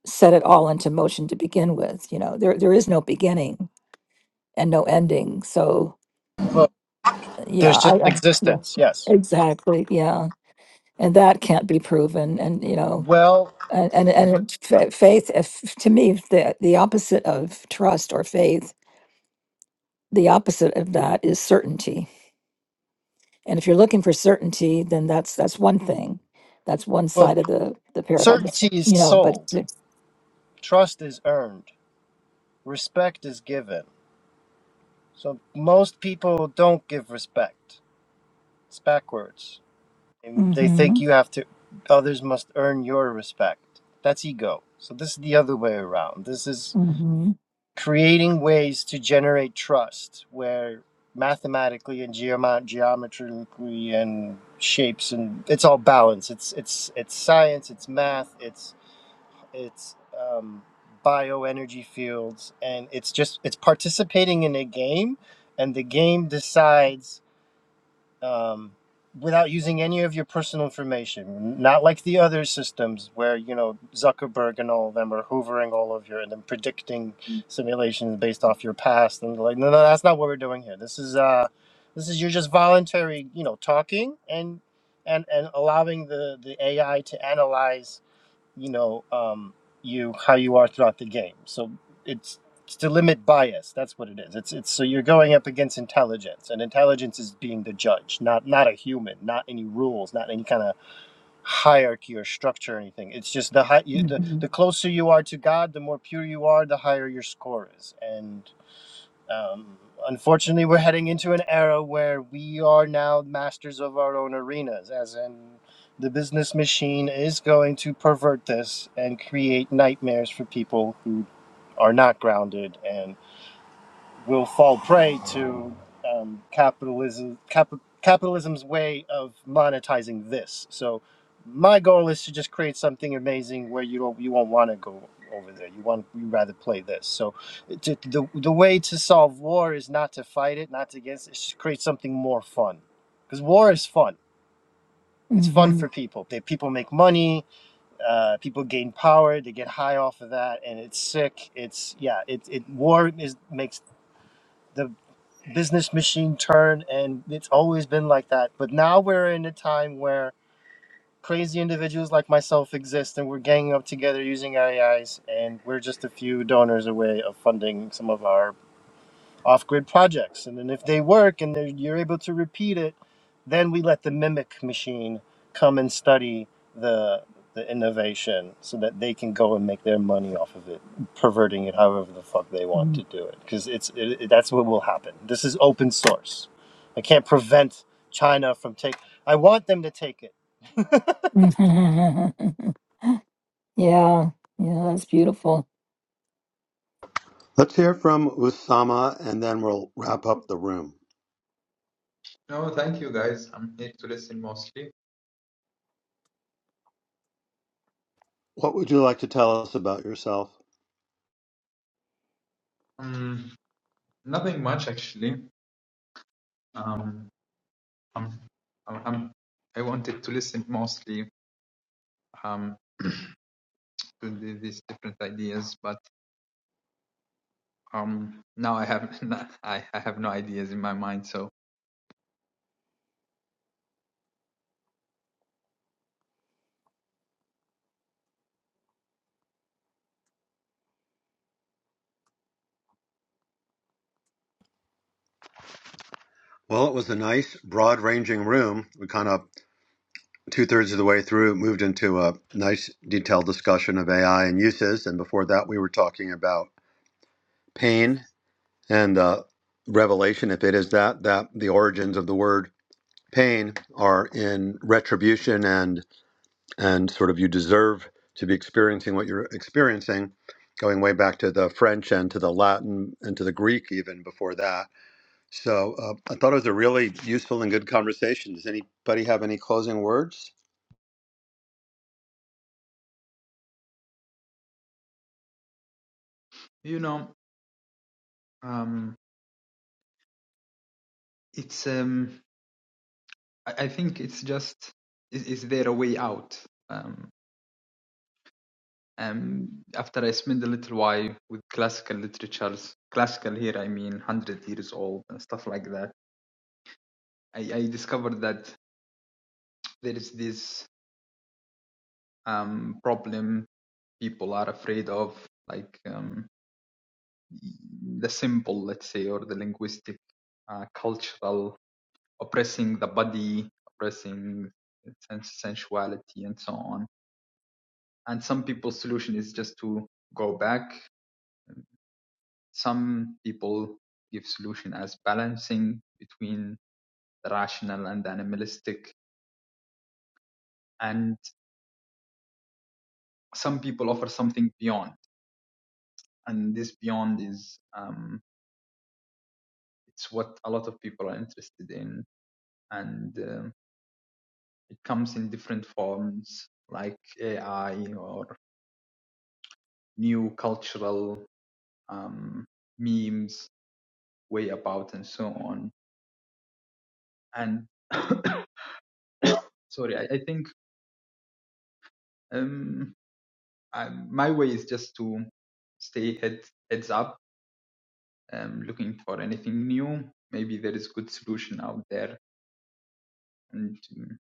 [SPEAKER 6] set it all into motion to begin with. You know, there there is no beginning and no ending. So
[SPEAKER 7] Well,
[SPEAKER 6] uh, yeah,
[SPEAKER 7] there's just
[SPEAKER 6] I uh, yeah,
[SPEAKER 7] existence, yes.
[SPEAKER 6] exactly, yeah, and that can't be proven, and you know.
[SPEAKER 7] Well,
[SPEAKER 6] And and, and fa- faith, if, to me, the the opposite of trust or faith the opposite of that is certainty. And if you're looking for certainty, then that's that's one thing. That's one
[SPEAKER 7] well,
[SPEAKER 6] side of the the paradigm. That's,
[SPEAKER 7] certainty is
[SPEAKER 6] You know, but
[SPEAKER 7] sold,
[SPEAKER 6] it's
[SPEAKER 7] trust is earned, respect is given. So most people don't give respect. It's backwards. And they
[SPEAKER 6] mm-hmm,
[SPEAKER 7] think you have to, others must earn your respect. That's ego. So this is the other way around. This is
[SPEAKER 6] mm-hmm,
[SPEAKER 7] creating ways to generate trust where mathematically and geoma- geometrically and shapes and it's all balance. It's it's it's science, it's math, it's it's um bioenergy fields and it's just it's participating in a game and the game decides um, without using any of your personal information. Not like the other systems where you know Zuckerberg and all of them are hoovering all of your and then predicting simulations based off your past and like no, no, that's not what we're doing here. This is uh, this is you're just voluntary, you know, talking and and and allowing the the AI to analyze you know um, you how you are throughout the game. So it's, it's to limit bias. That's what it is. It's it's so you're going up against intelligence, and intelligence is being the judge, not not a human, not any rules, not any kind of hierarchy or structure or anything. It's just the high, you, the
[SPEAKER 6] mm-hmm,
[SPEAKER 7] the closer you are to God, the more pure you are, the higher your score is, and um, unfortunately, we're heading into an era where we are now masters of our own arenas, as in the business machine is going to pervert this and create nightmares for people who are not grounded And will fall prey to um, capitalism cap- capitalism's way of monetizing this. So my goal is to just create something amazing where you don't you won't want to go over there. You want you rather play this. So to, the the way to solve war is not to fight it, not to against it. It's just create something more fun because war is fun. It's fun for
[SPEAKER 6] mm-hmm.
[SPEAKER 7] people. They, people make money. Uh, people gain power. They get high off of that, and it's sick. It's yeah. It, it war is makes the business machine turn and it's always been like that but now we're in a time where crazy individuals like myself exist and we're ganging up together using ais and we're just a few donors away of funding some of our off-grid projects and then if they work and they're- you're able to repeat it then we let the mimic machine come and study the the innovation so that they can go and make their money off of it perverting it however the fuck they want to do it because it's it, it- that's what will happen this is open source i can't prevent china from take i want them to take it
[SPEAKER 6] mm-hmm. *laughs* yeah, yeah, that's beautiful.
[SPEAKER 1] Let's hear from Usama and then we'll wrap up the room.
[SPEAKER 8] No, thank you guys. I'm here to listen mostly.
[SPEAKER 1] What would you like to tell us about yourself?
[SPEAKER 8] Um, nothing much actually. Um, I'm, I'm, I'm- I wanted to listen mostly um to the, these different ideas, but um now I have *laughs* I, I have no ideas in my mind. So
[SPEAKER 1] Well, it was a nice, broad ranging room. We kind of two thirds of the way through, moved into a nice detailed discussion of AI and uses. And before that, we were talking about pain and uh, revelation, if it is that, that the origins of the word pain are in retribution and and sort of you deserve to be experiencing what you're experiencing, going way back to the French and to the Latin and to the Greek even before that. So uh, I thought it was a really useful and good conversation. Does anybody have any closing words?
[SPEAKER 8] you know, um, it's um I, I think it's just is, is there a way out? Um, um, after I spend a little while with classical literatures, classical here I mean hundred years old and stuff like that I, I discovered that there is this um, problem people are afraid of, like um, the simple, let's say, or the linguistic, uh, cultural, oppressing the body, oppressing sens- sensuality, and so on. And some people's solution is just to go back. Some people give solution as balancing between the rational and the animalistic. And some people offer something beyond and this beyond is um, it's what a lot of people are interested in and um, it comes in different forms like ai or new cultural um, memes way about and so on and *coughs* sorry i, I think um, I, my way is just to stay head, heads up um, looking for anything new maybe there is good solution out there and um,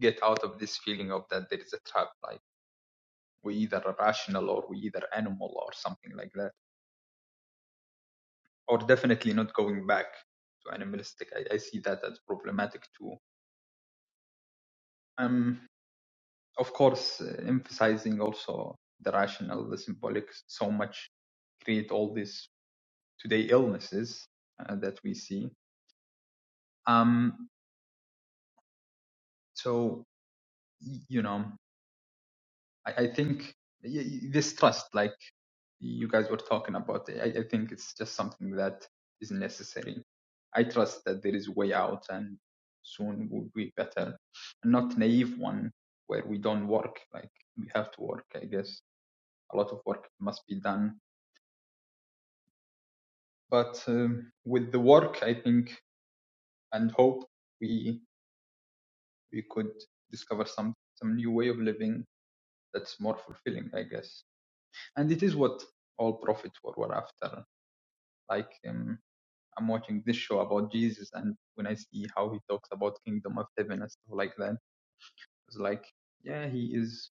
[SPEAKER 8] get out of this feeling of that there is a trap like we either rational or we either animal or something like that or definitely not going back to animalistic i, I see that as problematic too um of course uh, emphasizing also the rational the symbolic so much create all these today illnesses uh, that we see um so y- you know I, I think this trust, like you guys were talking about, I, I think it's just something that is necessary. I trust that there is a way out and soon will be better. And not naive one where we don't work, like we have to work, I guess. A lot of work must be done. But um, with the work, I think, and hope, we we could discover some some new way of living that's more fulfilling, I guess. And it is what all prophets were, were after Like um, I'm watching this show about Jesus, and when I see how he talks about kingdom of heaven and stuff like that, it's like, yeah, he is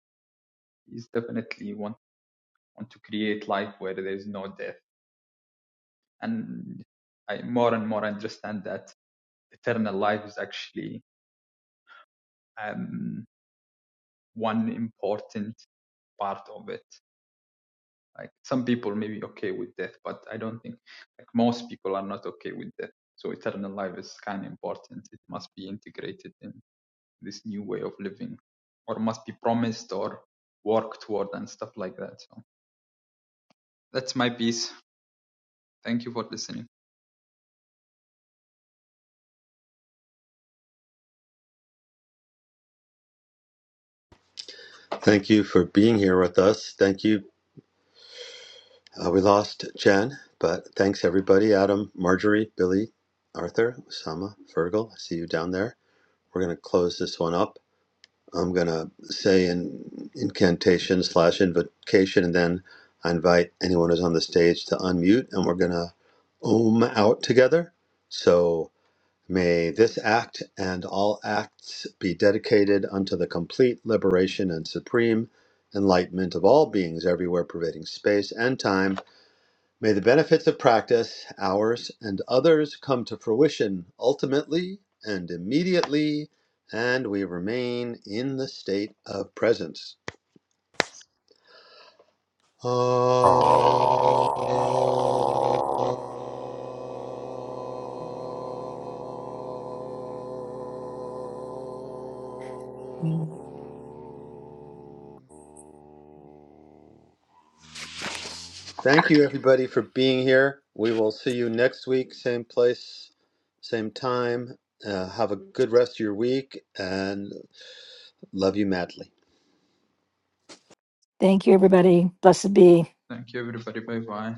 [SPEAKER 8] he's definitely want want to create life where there is no death. And I more and more understand that eternal life is actually um, one important part of it. Like some people may be okay with death, but I don't think like most people are not okay with death. So eternal life is kind of important. It must be integrated in. this new way of living or must be promised or worked toward and stuff like that. So that's my piece. Thank you for listening.
[SPEAKER 1] Thank you for being here with us. Thank you. Uh, we lost Jen, but thanks everybody Adam, Marjorie, Billy, Arthur, Osama, Fergal. I see you down there. We're going to close this one up. I'm going to say an incantation slash invocation, and then I invite anyone who's on the stage to unmute, and we're going to ohm out together. So. May this act and all acts be dedicated unto the complete liberation and supreme enlightenment of all beings everywhere pervading space and time. May the benefits of practice, ours and others, come to fruition ultimately and immediately, and we remain in the state of presence. Oh. Thank you, everybody, for being here. We will see you next week, same place, same time. Uh, have a good rest of your week and love you madly.
[SPEAKER 6] Thank you, everybody. Blessed be.
[SPEAKER 8] Thank you, everybody. Bye bye.